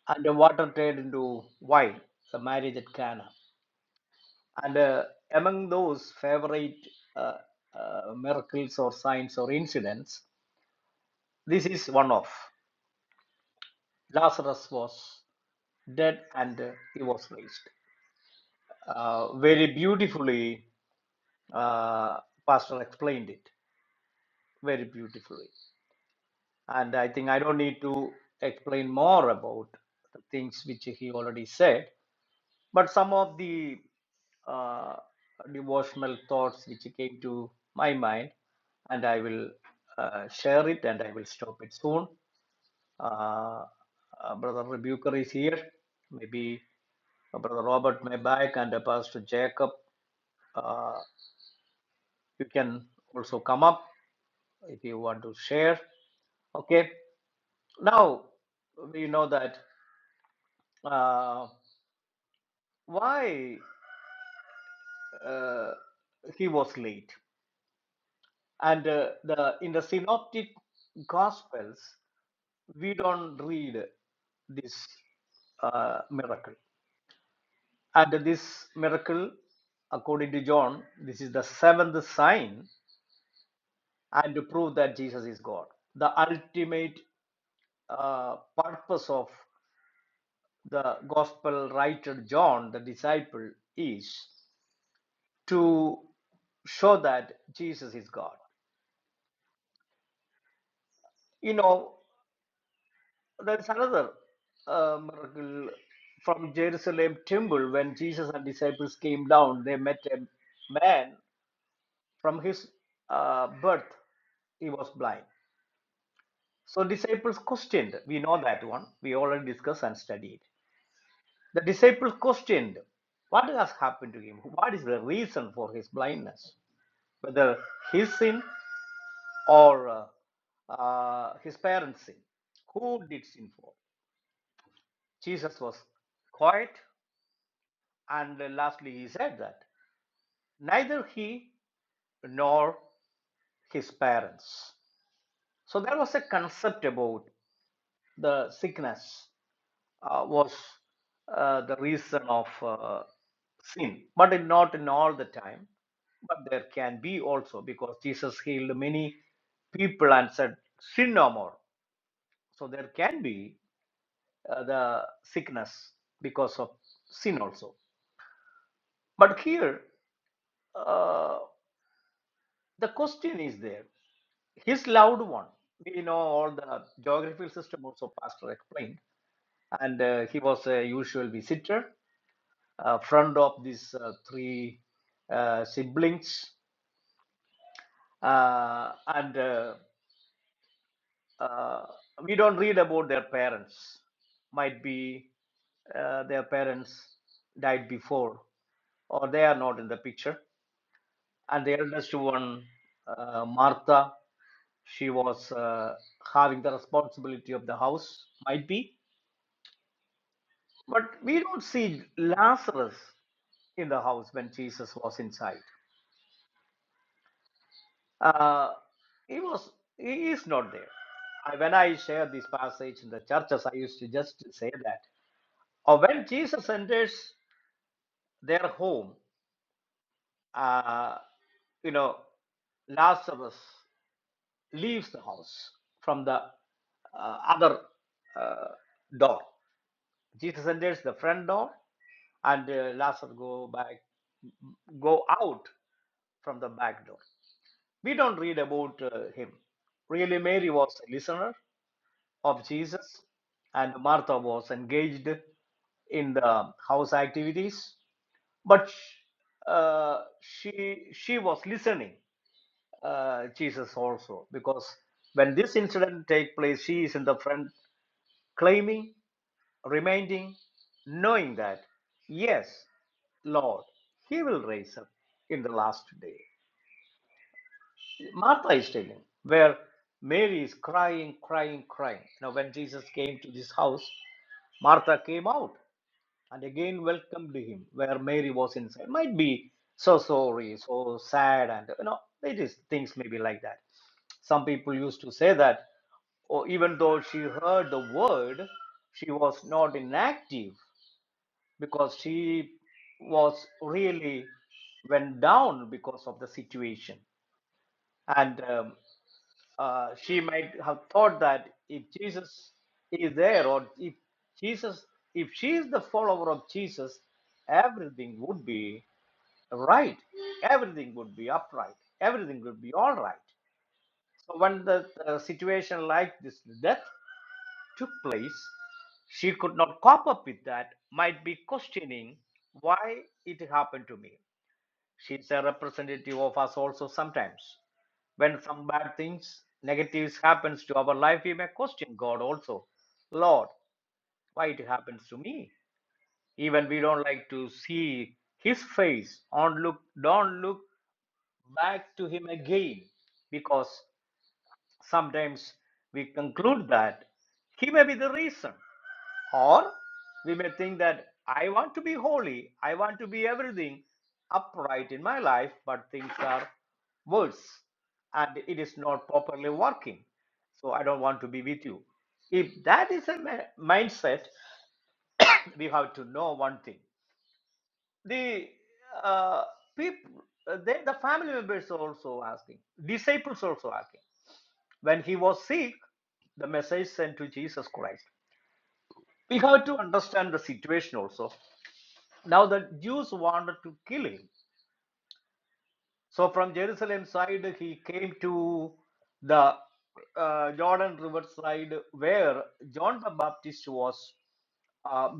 And the water turned into wine, the marriage at Cana. And uh, among those favorite uh, uh, miracles or signs or incidents, this is one of. Lazarus was dead and uh, he was raised. Uh, very beautifully, uh, Pastor explained it very beautifully. And I think I don't need to explain more about the things which he already said. But some of the uh, devotional thoughts which came to my mind, and I will uh, share it and I will stop it soon. Uh, uh, Brother Rebuker is here. Maybe uh, Brother Robert may back and uh, Pastor Jacob, uh, you can also come up if you want to share. Okay. Now we know that uh, why uh, he was late and uh, the in the synoptic gospels we don't read this uh, miracle and this miracle according to john this is the seventh sign and to prove that jesus is god the ultimate uh, purpose of the gospel writer john the disciple is to show that jesus is god you know There is another uh, miracle from Jerusalem temple when Jesus and disciples came down. They met a man from his uh, birth; he was blind. So disciples questioned. We know that one. We already discussed and studied. The disciples questioned what has happened to him. What is the reason for his blindness? Whether his sin or uh, uh, his parents' sin. Who did sin for? Jesus was quiet And lastly, he said that neither he nor his parents. So there was a concept about the sickness uh, was uh, the reason of uh, sin, but in- not in all the time. But there can be also because Jesus healed many people and said, Sin no more. So there can be uh, the sickness because of sin also. But here, uh, the question is there his loved one. We know all the geographical system also Pastor explained, and uh, he was a usual visitor, uh, friend of these uh, three uh, siblings, uh, and uh, uh, we don't read about their parents. Might be uh, their parents died before, or they are not in the picture. and the eldest one, uh, Martha, she was uh, having the responsibility of the house, might be. But we don't see Lazarus in the house when Jesus was inside. Uh, he was, he is not there. I, when I share this passage in the churches, I used to just say that. Or when Jesus enters their home, uh, you know, Lazarus leaves the house from the uh, other uh, door. Jesus enters the front door, and uh, Lazarus go back, go out from the back door. We don't read about uh, him. Really, Mary was a listener of Jesus, and Martha was engaged in the house activities, but uh, she she was listening uh, Jesus also, because when this incident take place, she is in the front claiming, reminding, knowing that, yes, Lord, He will raise up in the last day. Martha is telling, where Mary is crying, crying, crying. Now, when Jesus came to this house, Martha came out and again welcomed him where Mary was inside. Might be so sorry, so sad, and you know, it is things may be like that. Some people used to say that or even though she heard the word, she was not inactive because she was really went down because of the situation. And um, uh, she might have thought that if Jesus is there, or if Jesus, if she is the follower of Jesus, everything would be right, everything would be upright, everything would be all right. So, when the uh, situation like this death took place, she could not cope up with that, might be questioning why it happened to me. She's a representative of us also sometimes. When some bad things, negatives happens to our life, we may question God also. Lord, why it happens to me? Even we don't like to see his face. Don't look, don't look back to him again because Sometimes we conclude that he may be the reason, or we may think that I want to be holy, I want to be everything upright in my life, but things are worse and it is not properly working. So I don't want to be with you. If that is a ma- mindset, we have to know one thing. The uh, people, uh, then the family members are also asking, disciples also asking. When he was sick, the message sent to Jesus Christ. We have to understand the situation also. Now the Jews wanted to kill him. So from Jerusalem side, he came to the uh, Jordan River side where John the Baptist was uh,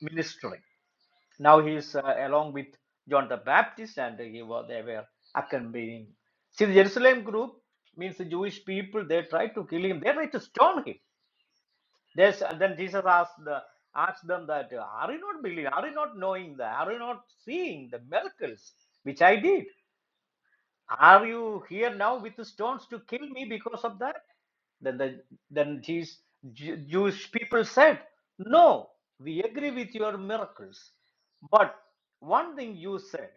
ministering. Now he is uh, along with John the Baptist, and he was they were accompanying. See, the Jerusalem group means the Jewish people. They tried to kill him. They tried to stone him. Yes, and then Jesus asked the asked them that uh, are you not believing? Are you not knowing that? Are you not seeing the miracles which I did? Are you here now with the stones to kill me because of that? Then the then these Ju- Jewish people said, No, we agree with your miracles. But one thing you said,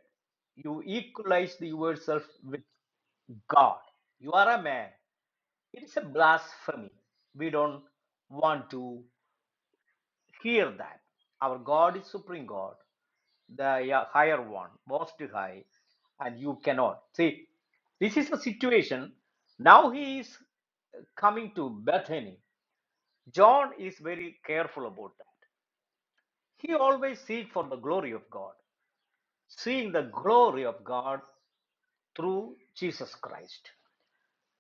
you equalized yourself with God. You are a man. It is a blasphemy. We don't want to. Hear that. Our God is supreme God, the uh, higher one, most high, and you cannot. See, this is the situation. Now he is coming to Bethany. John is very careful about that. He always seek for the glory of God, seeing the glory of God through Jesus Christ.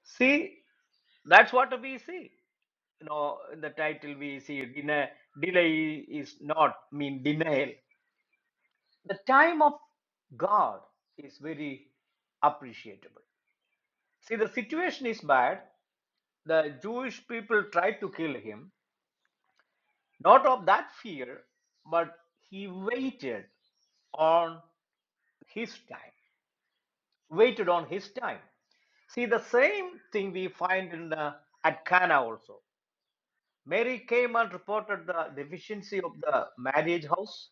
See, that's what we see. You know, in the title we see deny, delay is not mean denial. the time of God is very appreciable. See, the situation is bad. The Jewish people tried to kill him, not of that fear, but he waited on his time, waited on his time. See, the same thing we find in the, at Cana also. Mary came and reported the deficiency of the marriage house.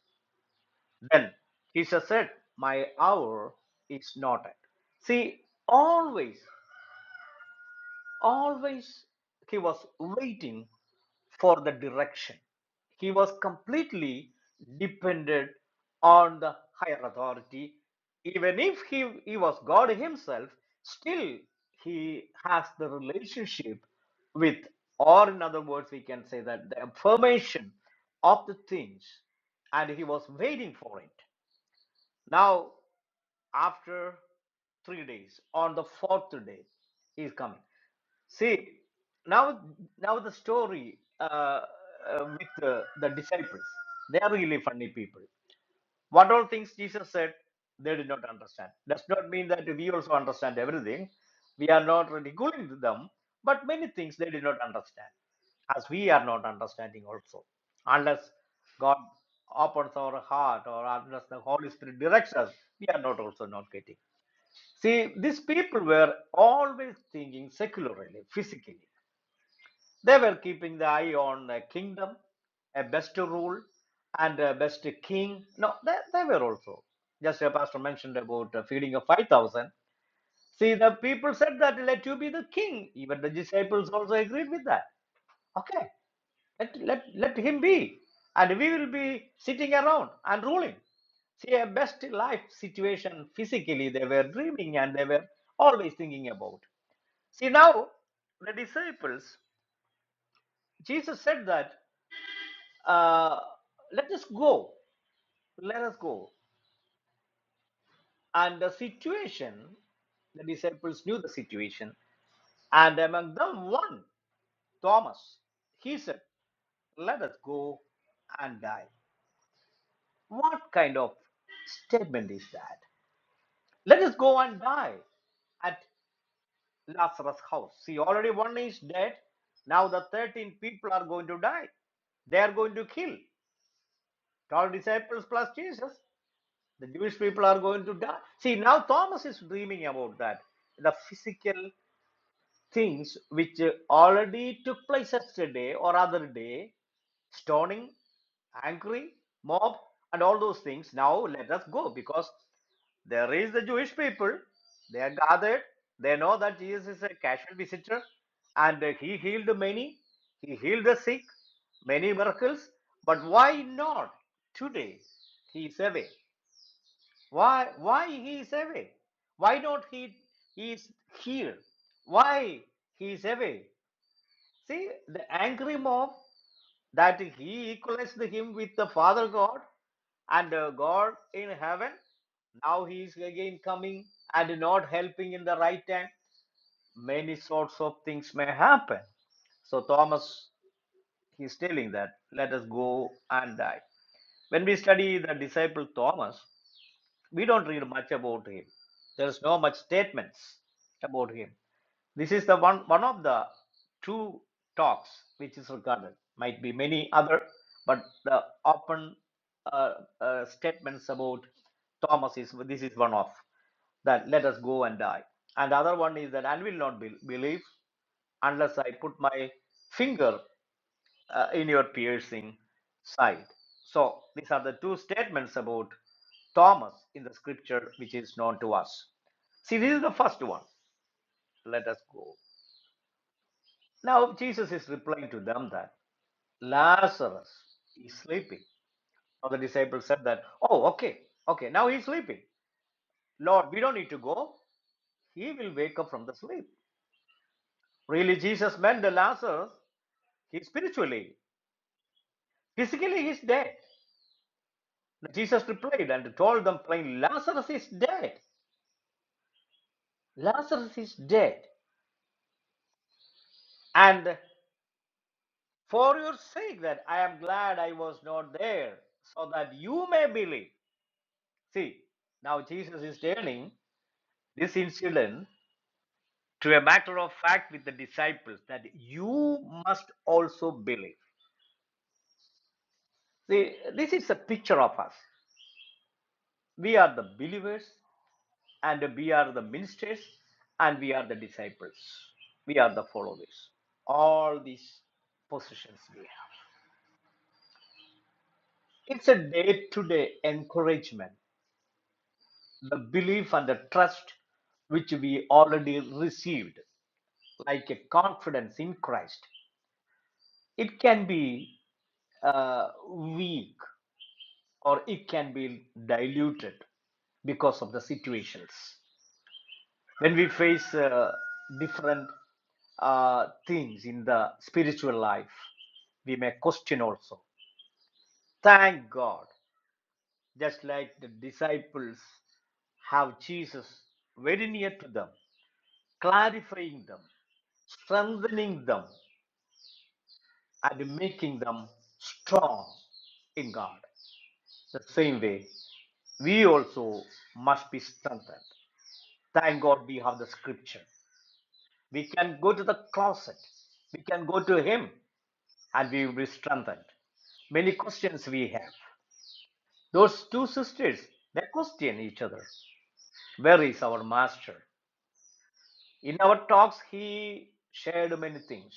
Then Jesus said, My hour is not at. See, always Always he was waiting for the direction. He was completely dependent on the higher authority. Even if he, he was God himself, still he has the relationship with, or in other words, we can say that the affirmation of the things, and he was waiting for it. Now, after three days on the fourth day he is coming see now now the story uh, uh, with uh, the disciples they are really funny people what all things Jesus said, they did not understand. Does not mean that we also understand everything. We are not ridiculing them, but many things they did not understand, as we are not understanding also. Unless God opens our heart or unless the Holy Spirit directs us, we are not also not getting. See, these people were always thinking secularly, physically. They were keeping the eye on a kingdom, a best rule, and a best king. No, they, they were also. Just a pastor mentioned about uh, feeding of 5,000. See, the people said that let you be the king. Even the disciples also agreed with that. Okay, let, let, let him be. And we will be sitting around and ruling. See, a best life situation physically, they were dreaming and they were always thinking about. See, now the disciples, Jesus said that. uh, let us go let us go and the situation the disciples knew the situation and among them one thomas he said let us go and die what kind of statement is that let us go and die at lazarus house see already one is dead now the 13 people are going to die they are going to kill 12 disciples plus jesus The Jewish people are going to die. See, now Thomas is dreaming about that. The physical things which uh, already took place yesterday or other day stoning, angry, mob, and all those things. Now let us go because there is the Jewish people. They are gathered. They know that Jesus is a casual visitor and uh, he healed many. He healed the sick, many miracles. But why not today? He is away. Why why he is away? Why not he he is here? Why he is away? See the angry mob that he equates him with the Father God and uh, God in heaven. Now he is again coming and not helping in the right time. Many sorts of things may happen. So Thomas he's telling that let us go and die. When we study the disciple Thomas, we don't read much about him. There is no much statements about him. This is the one one of the two talks which is regarded. Might be many other, but the open uh, uh, statements about Thomas is this is one of that. Let us go and die. And the other one is that I will not be, believe unless I put my finger uh, in your piercing side. So these are the two statements about Thomas in the scripture which is known to us. See, this is the first one. Let us go. Now, Jesus is replying to them that Lazarus is sleeping. Now, the disciples said that, oh, okay, okay, now he's sleeping. Lord, we don't need to go. He will wake up from the sleep. Really, Jesus meant the Lazarus, he's spiritually, physically, he's dead. Jesus replied and told them plainly, Lazarus is dead. Lazarus is dead. And for your sake, that I am glad I was not there, so that you may believe. See, now Jesus is turning this incident to a matter of fact with the disciples that you must also believe. See, this is a picture of us. We are the believers, and we are the ministers, and we are the disciples. We are the followers. All these positions we have. It's a day to day encouragement the belief and the trust which we already received, like a confidence in Christ. It can be uh, weak or it can be diluted because of the situations. When we face uh, different uh, things in the spiritual life, we may question also. Thank God, just like the disciples have Jesus very near to them, clarifying them strengthening them and making them strong in God. The same way, we also must be strengthened. Thank God we have the scripture. We can go to the closet, we can go to Him, and we will be strengthened. Many questions we have. Those two sisters, they question each other Where is our master? In our talks, he shared many things.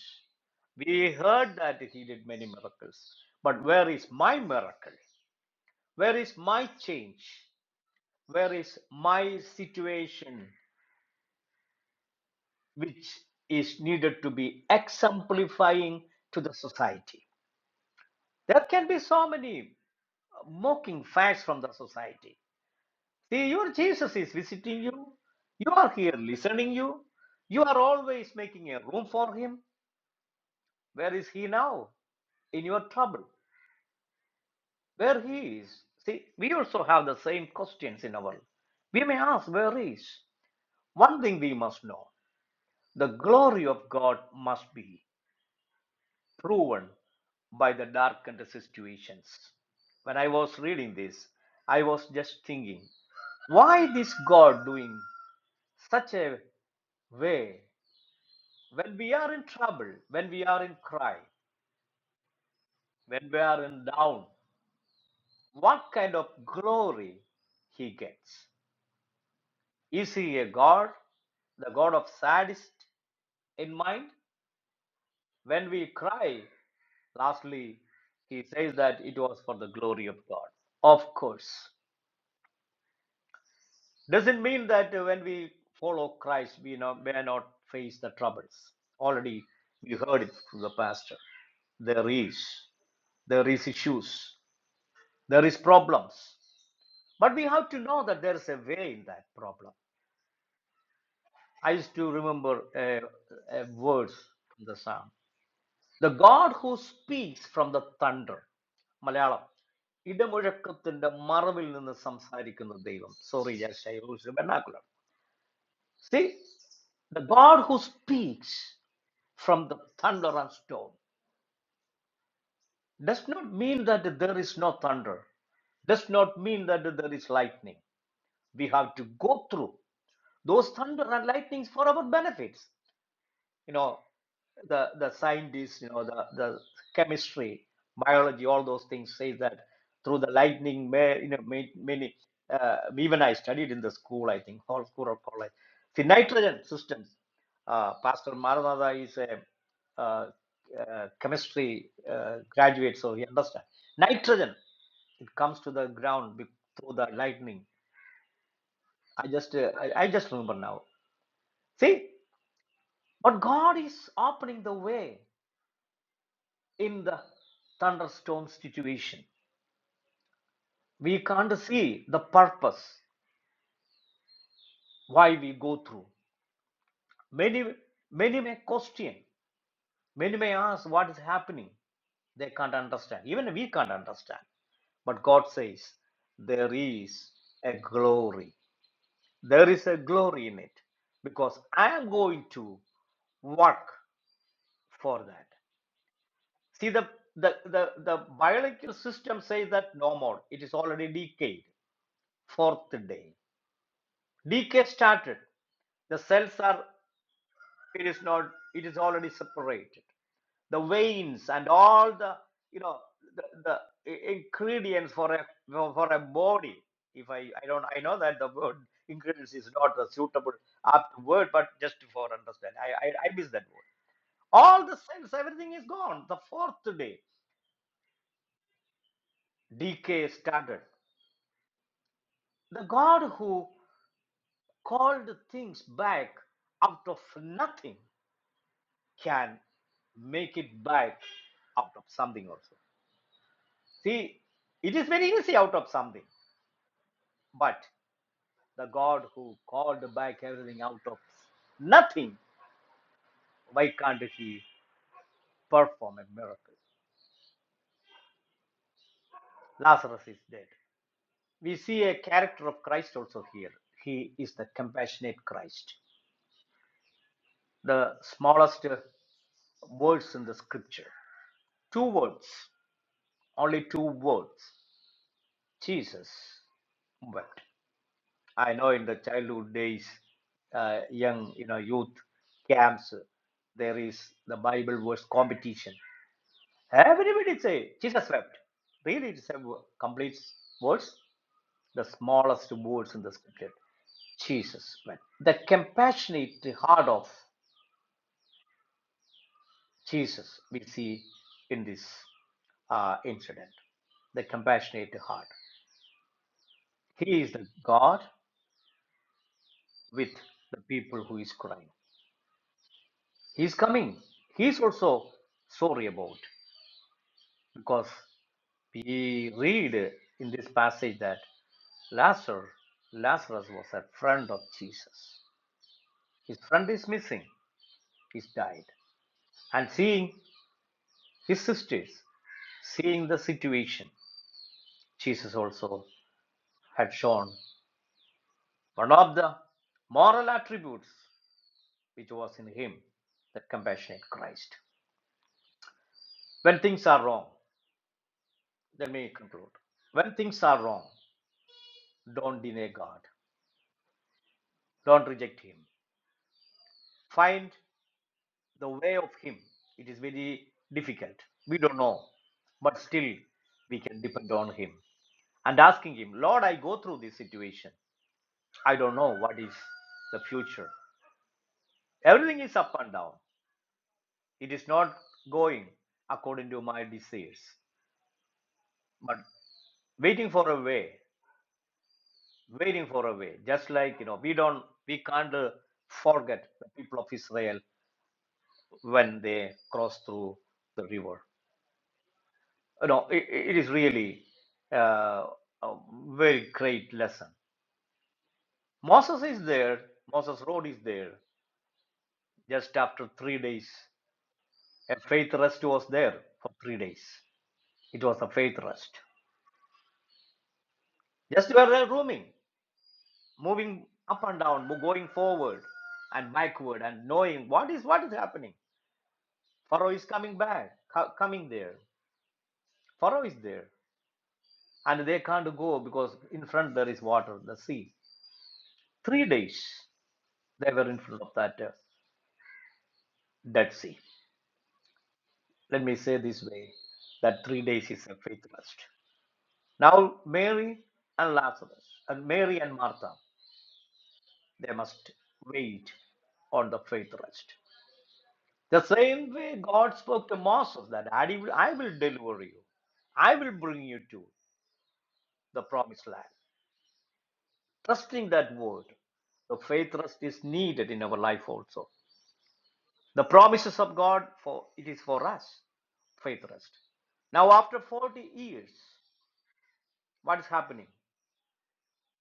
We heard that he did many miracles. But where is my miracle? Where is my change? Where is my situation which is needed to be exemplifying to the society? There can be so many mocking facts from the society. See, your Jesus is visiting you. You are here listening you. You are always making a room for him. Where is he now? in your trouble where he is see we also have the same questions in our life. we may ask where is one thing we must know the glory of god must be proven by the darkened situations when i was reading this i was just thinking why this god doing such a way when we are in trouble when we are in cry when we are in down what kind of glory he gets Is he a god, the god of sadist in mind? When we cry, lastly, he says that it was for the glory of God. Of course. Doesn't mean that uh, when we follow Christ, we not, may not face the troubles. Already we heard it from the pastor. There is. There is issues. There is problems. But we have to know that there is a way in that problem. I used to remember a, a verse from the psalm. The God who speaks from the thunder. Malayalam ഇടമുഴക്കത്തിന്റെ മറവിൽ നിന്ന് സംസാരിക്കുന്ന ദൈവം sorry vernacular vernacular. See, the God who speaks from the thunder and storm does not mean that there is no thunder. does not mean that there is lightning. We have to go through those thunder and lightnings for our benefits. You know, the the scientists, you know, the the chemistry, biology, all those things say that through the lightning, may, you know, may, many. Uh, even I studied in the school, I think, whole school of college. See, nitrogen systems. Uh, Pastor Maranatha is a uh, uh, chemistry uh, graduate, so he understands. Nitrogen, it comes to the ground be- through the lightning. I just, uh, I, I just remember now. See, but God is opening the way in the thunderstorm situation. We can't see the purpose why we go through. Many, many may question, many may ask what is happening. They can't understand. Even we can't understand. But God says there is a glory. There is a glory in it because I am going to work for that. See the the the, the biological system says that no more. It is already decayed. Fourth day. decay started the cells are it is not it is already separated the veins and all the you know the, the ingredients for a for for a body if i i don't i know that the word ingredients is not a suitable apt word but just for understand i i, I miss that word all the cells everything is gone the fourth day decay started the god who called things back out of nothing can make it back out of something also. See, it is very easy out of something, but the God who called back everything out of nothing, why can't he perform a miracle? Lazarus is dead. We see a character of Christ also here. He is the compassionate Christ, the smallest uh, words in the scripture. Two words, only two words Jesus wept. I know in the childhood days, uh, young, you know, youth camps, there is the Bible verse competition. Everybody say Jesus wept. Really, it's a wo- complete verse, the smallest words in the scripture. Jesus wept. The compassionate heart of Jesus we see in this uh, incident. The compassionate heart. He is the God with the people who is crying. He's coming. He's also sorry about because we read in this passage that Lazarus, Lazarus was a friend of Jesus. His friend is missing. He's died. And seeing his sisters, seeing the situation, Jesus also had shown one of the moral attributes which was in him, the compassionate Christ. When things are wrong, let me conclude. When things are wrong, don't deny God. don't reject him find the way of him it is very difficult we don't know but still we can depend on him and asking him lord i go through this situation i don't know what is the future everything is up and down it is not going according to my desires but waiting for a way waiting for a way just like you know we don't we can't uh, forget the people of israel when they cross through the river no, it, it is really uh, a very great lesson. Moses is there. Moses' road is there. Just after three days, a faith rest was there for three days. It was a faith rest. Just were there roaming, moving up and down, mo- going forward and backward, and knowing what is what is happening. Pharaoh is coming back, co- coming there. Pharaoh is there, and they can't go because in front there is water, the sea. Three days they were in front of that. uh, Dead Sea. Let me say this way that three days is a faith rest. Now, Mary and Lazarus, and Mary and Martha, they must wait on the faith rest. The same way God spoke to Moses that I will, I will deliver you, I will bring you to the promised land. Trusting that word, the faith rest is needed in our life also. The promises of God for it is for us, faith rest. Now, after 40 years, what is happening?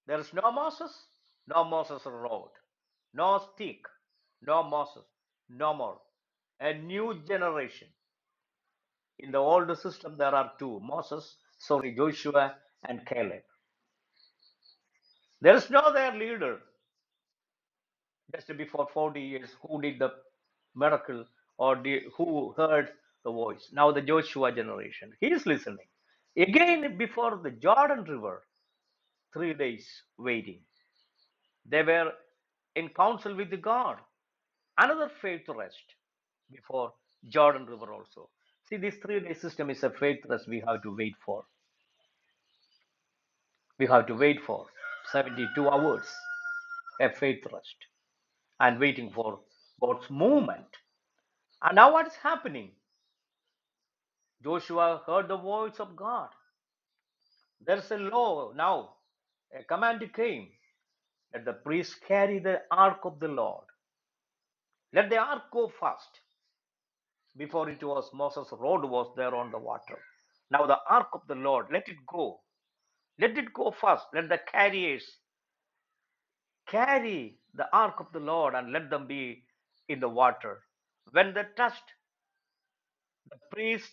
There is no Moses, no Moses road, no stick, no Moses, no more. A new generation. In the old system, there are two Moses, sorry, Joshua and Caleb. There is no their leader just before 40 years who did the miracle or the, who heard the voice. Now, the Joshua generation, he is listening. Again, before the Jordan River, three days waiting. They were in counsel with God. Another faith rest before Jordan River also. See, this three day system is a faith rest we have to wait for. We have to wait for 72 hours, a faith rest, and waiting for God's movement. And now what's happening? Joshua heard the voice of God. There's a law now. A command came that the priests carry the ark of the Lord. Let the ark go first. Before it was Moses' rod was there on the water. Now the ark of the Lord, let it go. Let it go first. Let the carriers carry the ark of the Lord and let them be in the water. When they touched, the priest,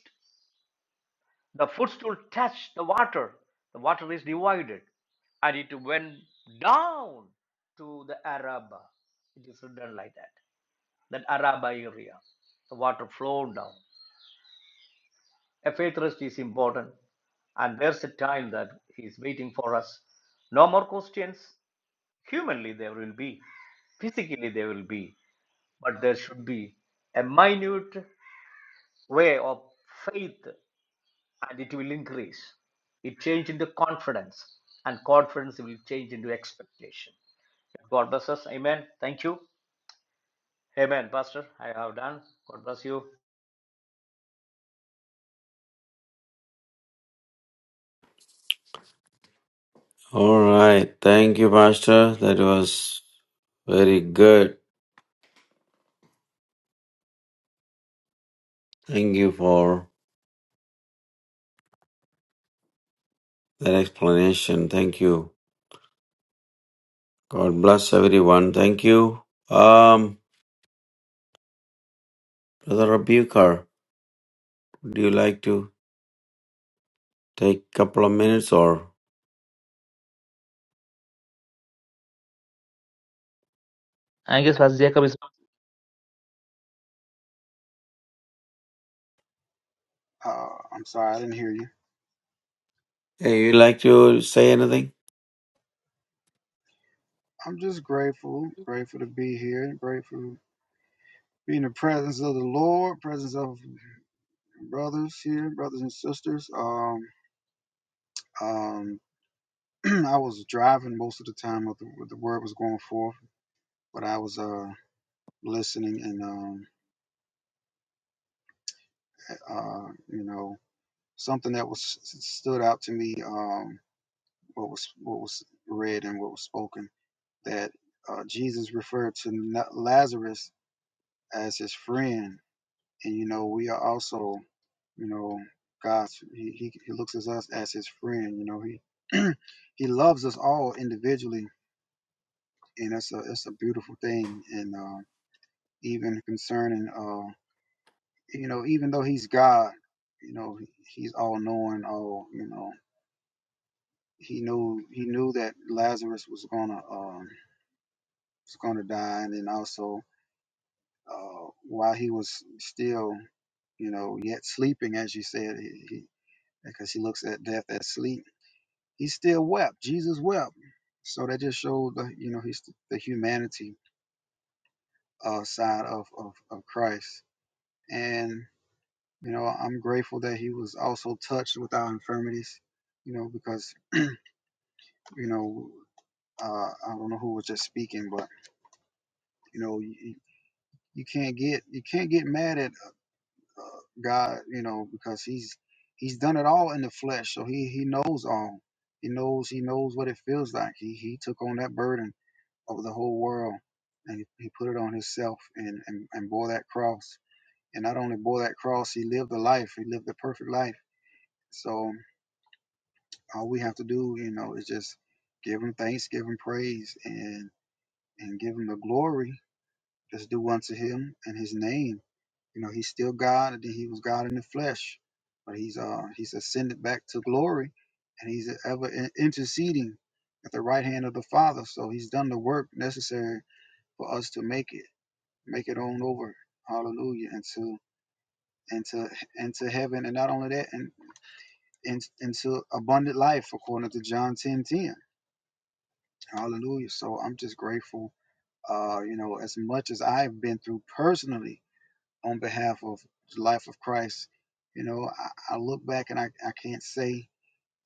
the footstool touched the water. The water is divided and it went down to the Araba. It is written like that. That Araba area. The water flowed down. A faith rest is important. And there's a time that He is waiting for us. No more questions. Humanly, there will be, physically, there will be, but there should be a minute way of faith and it will increase. It change into confidence, and confidence will change into expectation. God bless us. Amen. Thank you. Amen, Pastor. I have done. God bless you. All right. Thank you, Pastor. That was very good. Thank you for that explanation. Thank you. God bless everyone. Thank you. Um, Brother Rebuker, would you like to take a couple of minutes or I guess Pastor Jacob is Uh, I'm sorry, I didn't hear you. hey, you like to say anything? I'm just grateful, grateful to be here, grateful to be in the presence of the Lord, presence of brothers here, brothers and sisters. Um, um, I was driving most of the time with the, with the word was going forth, but I was uh listening and um uh you know something that was stood out to me um what was what was read and what was spoken that uh, Jesus referred to Na- Lazarus as his friend and you know we are also you know god's he, he, he looks at us as his friend you know he he loves us all individually and it's a it's a beautiful thing and uh even concerning uh you know even though he's god you know he's all knowing all you know he knew he knew that lazarus was gonna um was gonna die and then also uh while he was still you know yet sleeping as you said he, he because he looks at death as sleep he still wept. Jesus wept. So that just showed the you know he's the humanity uh, side of, of of Christ. And you know I'm grateful that he was also touched with our infirmities. You know because you know uh, I don't know who was just speaking, but you know you, you can't get you can't get mad at uh, God. You know because he's he's done it all in the flesh, so he he knows all. He knows he knows what it feels like. He he took on that burden of the whole world. And he put it on himself and, and, and bore that cross. And not only bore that cross, he lived a life. He lived a perfect life. So all we have to do, you know, is just give him thanks, give him praise, and and give him the glory Just do unto him and his name. You know, he's still God, and he was God in the flesh, but he's uh he's ascended back to glory, and he's ever in- interceding at the right hand of the Father. So he's done the work necessary for us to make it. make it on over. Hallelujah. Into into into heaven. And not only that, and, and into abundant life according to John 10:10, Hallelujah. So I'm just grateful. Uh, you know, as much as I've been through personally on behalf of the life of Christ, you know, I, I look back and I, I can't say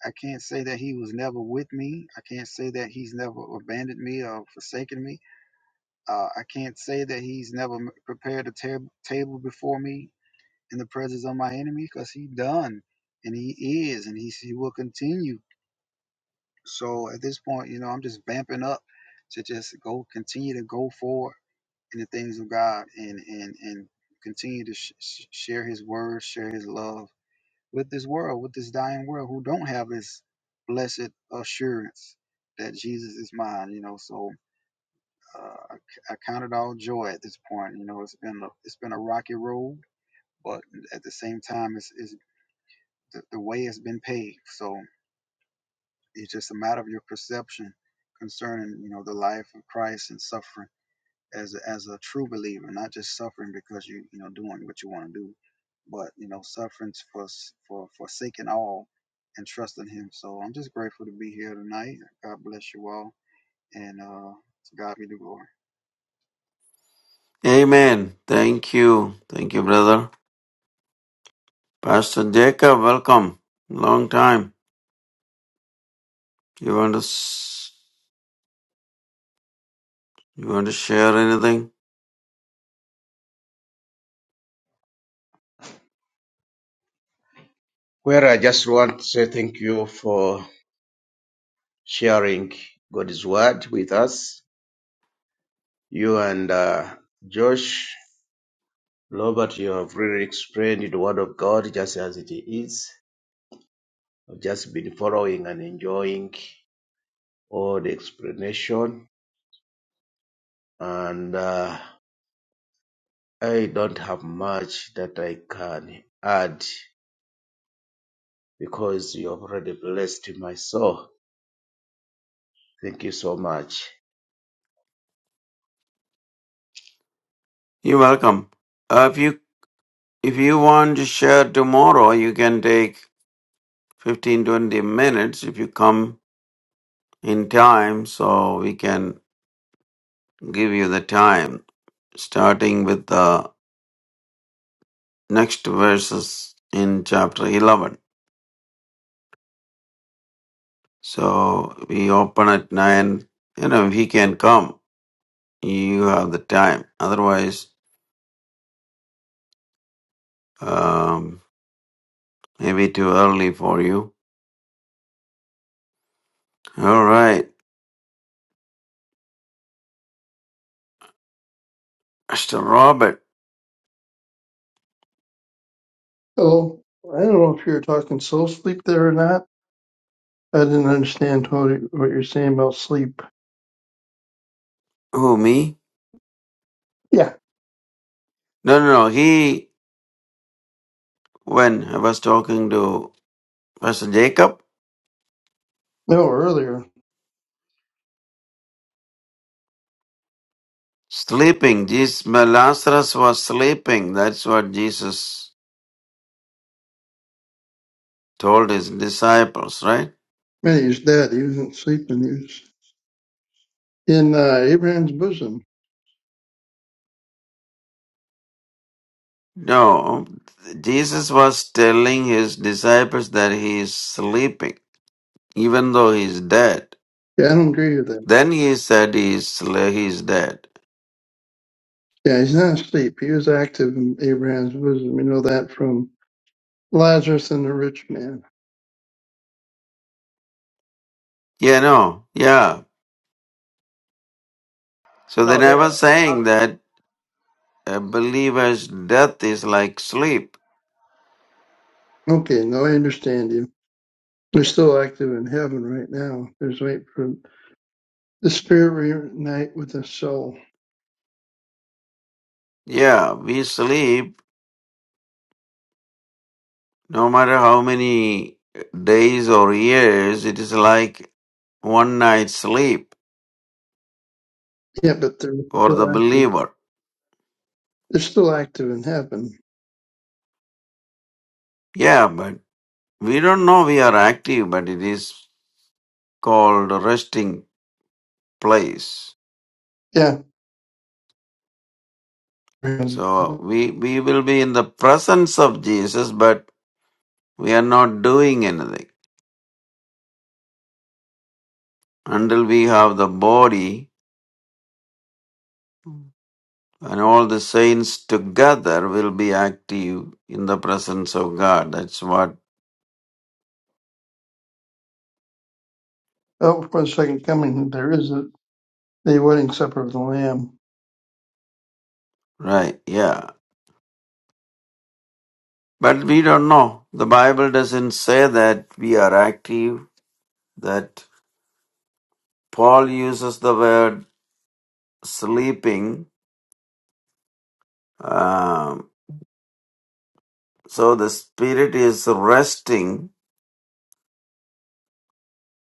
I can't say that he was never with me. I can't say that he's never abandoned me or forsaken me. Uh, I can't say that he's never prepared a tab- table before me in the presence of my enemy because he done and he is and he, he will continue so at this point you know i'm just vamping up to just go continue to go forward in the things of god and and and continue to sh- sh- share his word share his love with this world with this dying world who don't have this blessed assurance that jesus is mine you know so uh, I, c- I count it all joy at this point you know it's been a, it's been a rocky road but at the same time it's it's the, the way has been paid, So it's just a matter of your perception concerning, you know, the life of Christ and suffering as a, as a true believer, not just suffering because you you know doing what you want to do, but you know suffering for s- for forsaking all and trusting Him. So I'm just grateful to be here tonight. God bless you all, and uh, to God be the glory. Amen. Thank you. Thank you, brother. Pastor Jacob, welcome. Long time. You want to s- you want to share anything? Where I just want to say thank you for sharing God's word with us. You and uh, Josh Robert, you have really explained the word of God just as it is. I've just been following and enjoying all the explanation, and uh, I don't have much that I can add because you have already blessed my soul. Thank you so much. You're welcome. Uh, if you if you want to share tomorrow, you can take 15 20 minutes if you come in time so we can give you the time, starting with the next verses in chapter 11. So we open at 9. You know, if he can come, you have the time. Otherwise, um, maybe too early for you. All right. Mr. Robert. Oh, I don't know if you're talking soul sleep there or not. I didn't understand what you- what you're saying about sleep. Who, me? Yeah. No, no, no. He, when I was talking to Pastor Jacob, No, earlier. sleeping. Jesus, Lazarus was sleeping. That's what Jesus told his disciples, right? Man, he was dead. He wasn't sleeping. He was in uh, Abraham's bosom. No, Jesus was telling his disciples that he is sleeping, even though he is dead. Yeah, I don't agree with that. Then he said he is, sle- he is dead. Yeah, he's not asleep. He was active in Abraham's bosom. We know that from Lazarus and the rich man. Yeah, no, yeah. So they Now, never here, saying Pastor. that a believer's death is like sleep. Okay, now I understand you. They're still active in heaven right now. There's wait for the spirit reunite with the soul. Yeah, we sleep no matter how many days or years, it is like one night sleep Yeah, but they're for the still active. believer. They're still active in heaven Yeah, but we don't know we are active, but it is. called resting place. Yeah. So Oh, we we will be in the presence of Jesus, but we are not doing anything until we have the body and all the saints together will be active in the presence of God. That's what for the second coming, there is a, the wedding supper of the Lamb. right, yeah. But we don't know. The Bible doesn't say that we are active, that Paul uses the word sleeping. Um, so the spirit is resting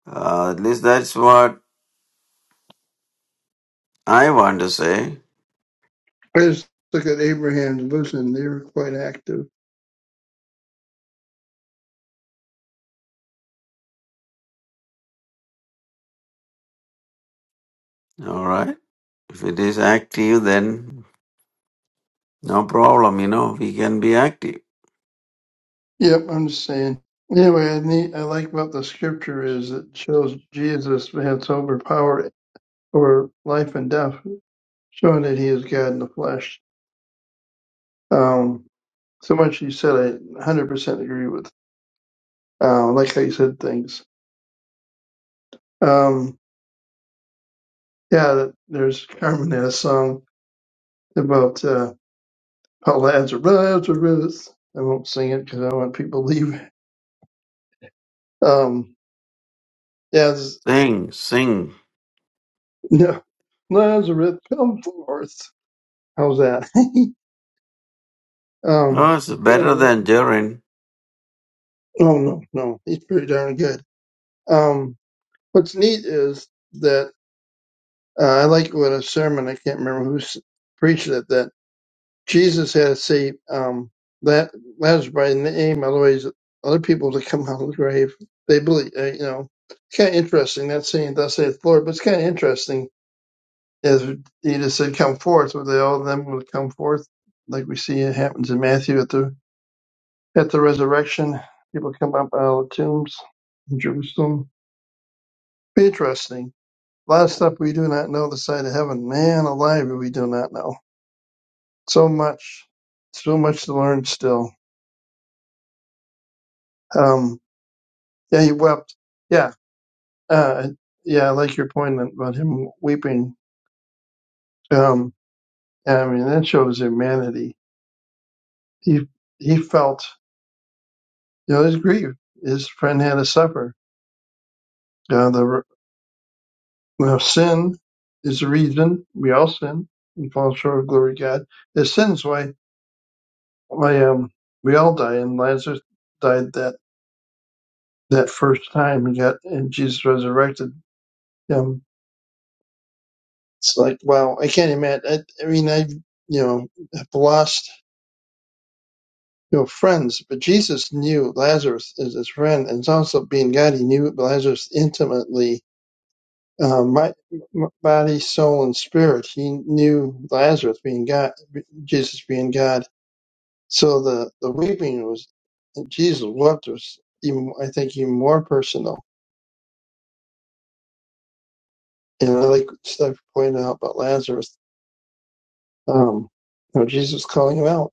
Uh, at least that's what I want to say. I just look at Abraham's bosom; they were quite active. All right. If it is active, then no problem. You know, we can be active. Yep, I'm just saying. Anyway, I need, I like about the scripture is it shows Jesus has overpower over life and death, showing that he is God in the flesh. Um, so much you said, I 100% agree with. Uh, like how you said things. Um, yeah, there's Carmen had a song about. Uh, Oh, Lazarus, Lazarus. I won't sing it because I want people to leave. Um, as Sing, sing. no, Lazarus, come forth. How's that? um, Oh, it's yeah, better yeah. than Jaren. oh no, no, he's pretty darn good. Um, what's neat is that uh, I like what a sermon. I can't remember who s- preached it. That Jesus had to say um, that Lazarus by name, otherwise other people to come out of the grave. They believe, uh, you know. It's kind of interesting. Not saying thus saith the Lord, but it's kind of interesting as Jesus said, "Come forth." Were they all of them will come forth, like we see it happens in Matthew at the at the resurrection. People come up out of the tombs in Jerusalem. Be interesting. A lot of stuff we do not know the side of heaven. Man alive, we do not know so much, so much to learn still. Um, yeah, he wept. Yeah, uh, yeah, I like your point about him weeping. Um, I mean that shows humanity. He he felt. You know, his grief. His friend had to suffer. Uh, the well, sin is the reason we all sin and fall short of glory of God. The sin's why why um we all die, and Lazarus died that that first time he got and Jesus resurrected him. It's like wow, I can't imagine. I, I mean, I you know have lost you know friends, but Jesus knew Lazarus as his friend, and it's also being God. He knew Lazarus intimately uh, my, my body, soul, and spirit. He knew Lazarus being God, Jesus being God. So the, the weeping was Jesus wept was even I think even more personal. And I like stuff pointed out about Lazarus, um, you know, Jesus calling him out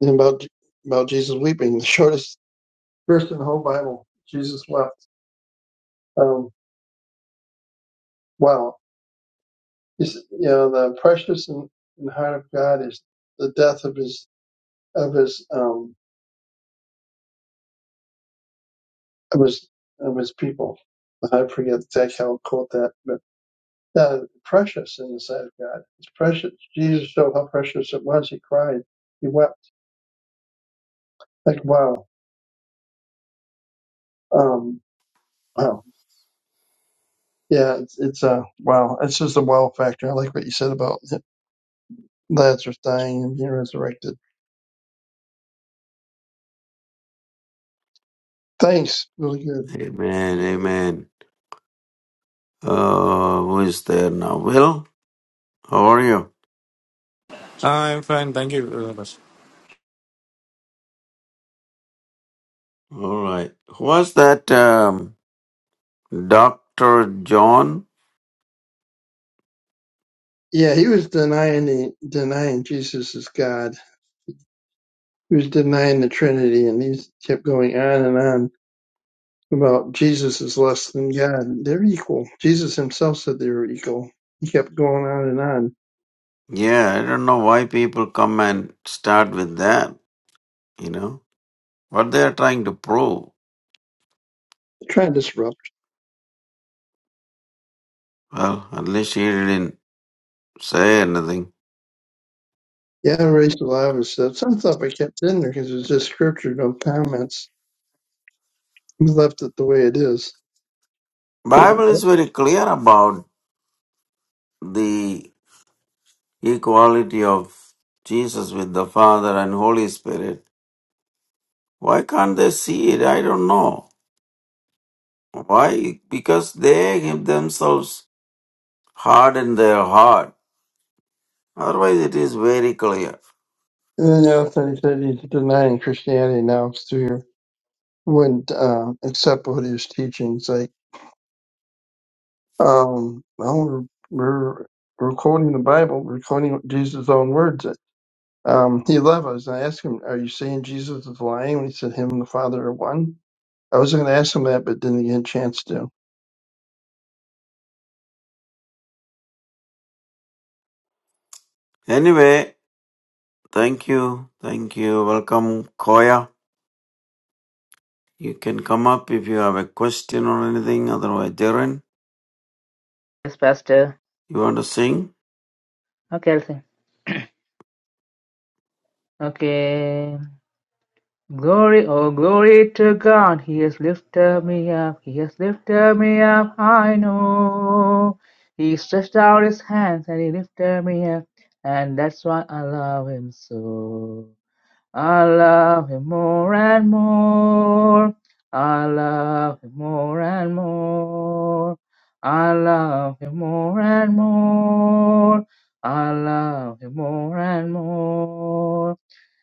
and about about Jesus weeping, the shortest verse in the whole Bible. Jesus wept. Um, wow, He's, you know the precious and, and heart of God is the death of his of his um, It was of his people. I forget exactly how it quote that, but uh, precious in the sight of God. It's precious. Jesus showed how precious it was. He cried. He wept. Like wow, um, wow, yeah. It's it's uh, wow. It's just a wow factor. I like what you said about Lazarus dying and being resurrected. Thanks, really good. Amen, amen. Uh, who is there now? Will, how are you? Ah, I'm fine, thank you very much. All right. Who was that? Um, Dr. John? Yeah, he was denying the, denying Jesus is God. He was denying the Trinity, and he kept going on and on about Jesus is less than God. They're equal. Jesus himself said they were equal. He kept going on and on, Yeah, I don't know why people come and start with that, you know, what they're trying to prove. trying to disrupt. Well, at least he didn't say anything. Yeah, raised alive and stuff. Some stuff I kept in there because it was just scripture, no comments. He left it the way it is. So, Bible is very clear about the equality of Jesus with the Father and Holy Spirit. Why can't they see it? I don't know. Why? Because they have themselves harden their heart. Otherwise it is very clear. And then the he said he's denying Christianity now. It's through here. Wouldn't uh, accept what he was teaching. It's like, um, well, we're, we're we're quoting the Bible. We're quoting Jesus' own words. Um, he left. I asked him, "Are you saying Jesus is lying?" And he said, "Him and the Father are one," I was going to ask him that, but didn't get a chance to. Anyway, thank you. Thank you. Welcome, Koya. You can come up if you have a question or anything. Otherwise, Darren, yes, Pastor. you want to sing? Okay, I'll sing. Okay. Glory, oh glory to God, He has lifted me up, He has lifted me up, I know. He stretched out His hands and He lifted me up, and that's why I love Him so. I love Him more and more. I love Him more and more. I love Him more and more. I love Him more and more.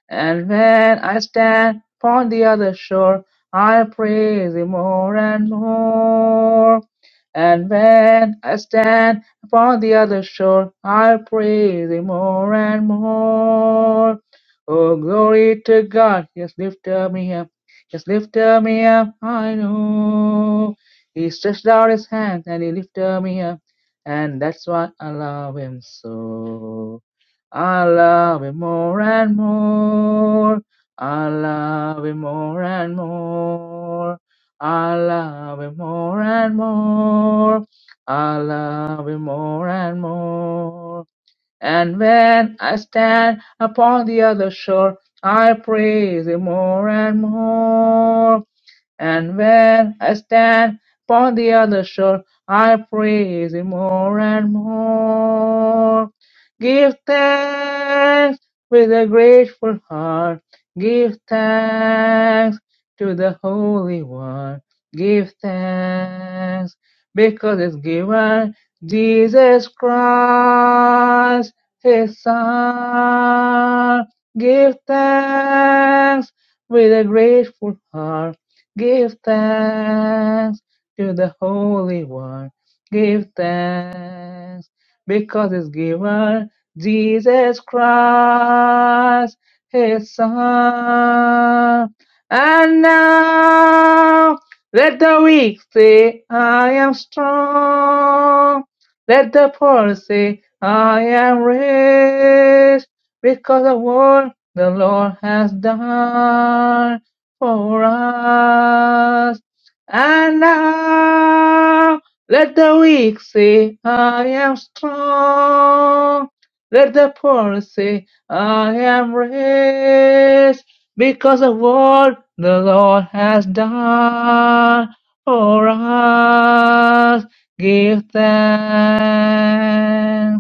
And when I stand upon the other shore, I'll praise Thee more and more. And when I stand upon the other shore, I'll praise Thee more and more. Oh, glory to God, Yes, lift up me up, Yes, lift up me up, I know. He stretched out His hands and He lifted me up, and that's why I love Him so. I love him more and more. I love him more and more. I love him more and more. I love him more and more. And when I stand upon the other shore, I praise Him more and more. And when I stand upon the other shore, I praise Him more and more. Give thanks with a grateful heart. Give thanks to the Holy One. Give thanks because it's given Jesus Christ, His Son. Give thanks with a grateful heart. Give thanks to the Holy One. Give thanks because it's given. Jesus Christ, His Son. And now let the weak say, I am strong. Let the poor say, I am rich, because of what the Lord has done for us. And now, let the weak say, I am strong. Let the poor say, I am rich, because of what the Lord has done for us. Give thanks.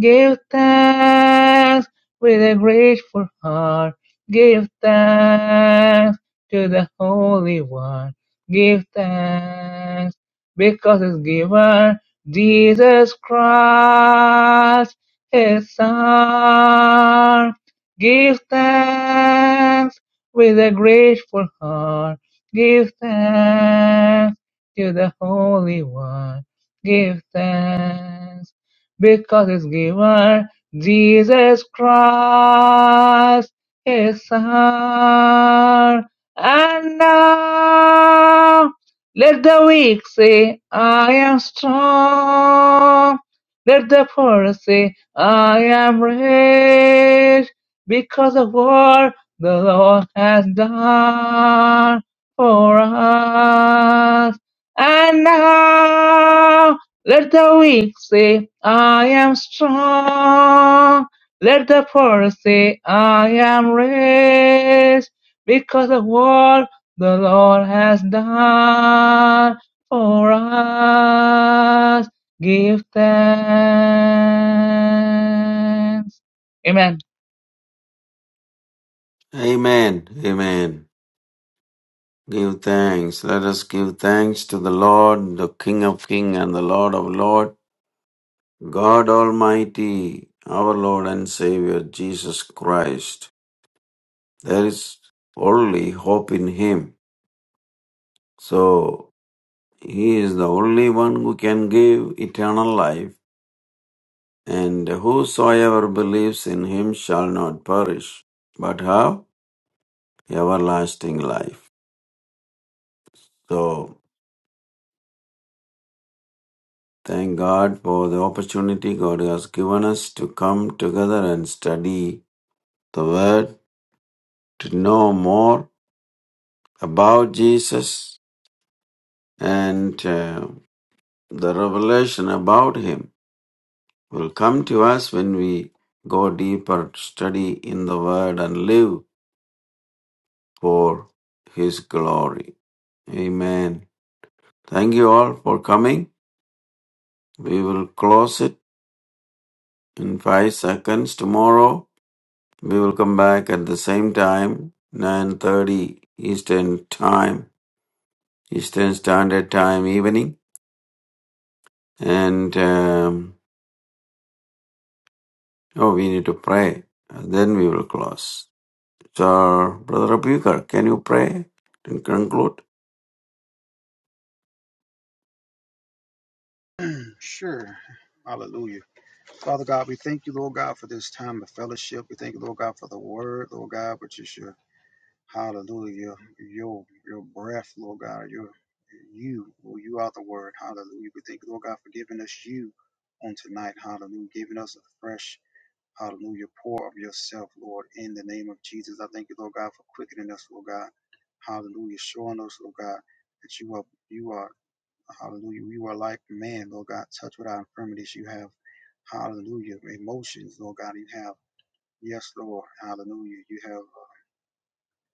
Give thanks with a grateful heart. Give thanks to the Holy One. Give thanks because His giver, Jesus Christ, His Son. Give thanks with a grateful heart. Give thanks to the Holy One. Give thanks because it's given Jesus Christ, His Son. And now let the weak say, I am strong. Let the poor say, I am rich because of what the Lord has done for us. And now let the weak say, I am strong. Let the poor say, I am rich. Because of what the Lord has done for us, give thanks. Amen. Amen. Amen. Give thanks. Let us give thanks to the Lord, the King of Kings and the Lord of Lords, God Almighty, our Lord and Savior, Jesus Christ. There is only hope in Him. So, He is the only one who can give eternal life, and whosoever believes in Him shall not perish, but have everlasting life. So, Thank God for the opportunity God has given us to come together and study the Word, to know more about Jesus and uh, the revelation about Him will come to us when we go deeper, study in the Word, and live for His glory. Amen. Thank you all for coming. We will close it in five seconds tomorrow. We will come back at the same time, 9.30 Eastern Time, Eastern Standard Time evening. And, um, oh, we need to pray. And then we will close. So, Brother Abhikar, can you pray and conclude? sure. Hallelujah. Father God, we thank you, Lord God, for this time of fellowship. We thank you, Lord God, for the word, Lord God, which is your Hallelujah. Your your your breath, Lord God, your you, Lord, you are the word. Hallelujah. We thank you, Lord God, for giving us you on tonight. Hallelujah. Giving us a fresh, hallelujah, pour of yourself, Lord, in the name of Jesus. I thank you, Lord God, for quickening us, Lord God. Hallelujah. Showing us, Lord God, that you are you are hallelujah. You are like man, Lord God, touch with our infirmities. You have hallelujah. Emotions, Lord God, you have. Yes, Lord. Hallelujah. You have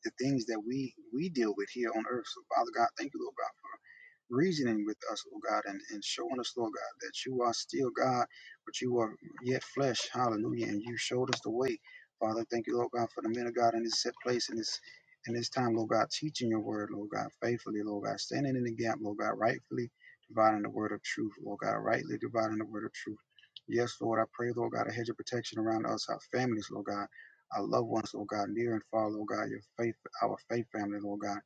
the things that we we deal with here on earth. So Father God, thank you, Lord God, for reasoning with us, Lord God, and, and showing us, Lord God, that you are still God, but you are yet flesh. Hallelujah. And you showed us the way. Father, thank you, Lord God, for the men of God in this set place in this in this time, Lord God, teaching your word, Lord God, faithfully, Lord God, standing in the gap, Lord God, rightfully dividing the word of truth, Lord God, rightly dividing the word of truth. Yes, Lord, I pray, Lord God, a hedge of protection around us, our families, Lord God our loved ones, Lord God, near and far, Lord God, your faith, our faith family, Lord God.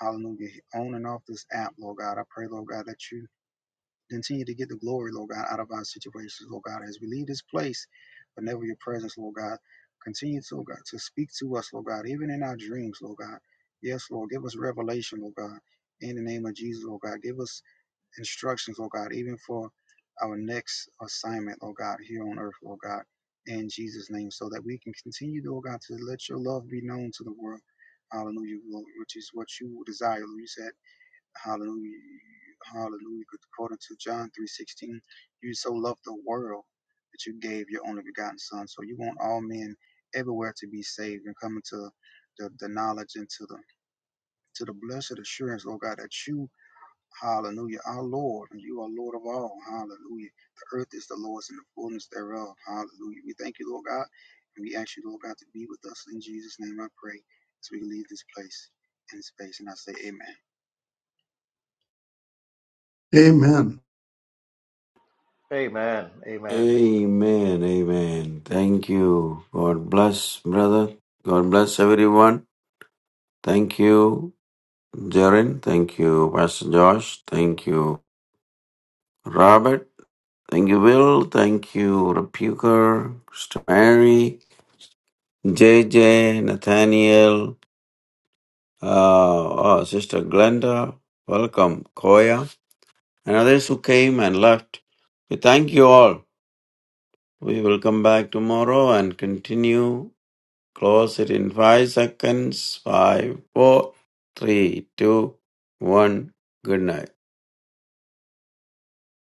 Hallelujah. On and off this app, Lord God, I pray, Lord God, that you continue to get the glory, Lord God, out of our situations, Lord God, as we leave this place, but never your presence, Lord God. Continue to, Lord God, to speak to us, Lord God, even in our dreams, Lord God. Yes, Lord, give us revelation, Lord God. In the name of Jesus, Lord God, give us instructions, Lord God, even for our next assignment, Lord God, here on earth, Lord God, in Jesus' name, so that we can continue, Lord God, to let your love be known to the world. Hallelujah, Lord, which is what you desire. Lord. You said, Hallelujah, hallelujah. According to John 3.16, you so loved the world that you gave your only begotten Son. So you want all men everywhere to be saved and come into the, the knowledge and to the to the blessed assurance, Lord God, that you Hallelujah. Our Lord, and you are Lord of all. Hallelujah. The earth is the Lord's and the fullness thereof. Hallelujah. We thank you, Lord God, and we ask you, Lord God, to be with us. In Jesus' name I pray as we leave this place and space. And I say, Amen. Amen. Amen. Amen. Amen, amen. Thank you. God bless, brother. God bless everyone. Thank you, Jaren. Thank you, Pastor Josh. Thank you, Robert. Thank you, Will. Thank you, Repuker, Sister Mary, JJ, Nathaniel, uh, oh, Sister Glenda. Welcome, Koya, and others who came and left. We thank you all. We will come back tomorrow and continue. Close it in five seconds. Five, four, three, two, one. Good night.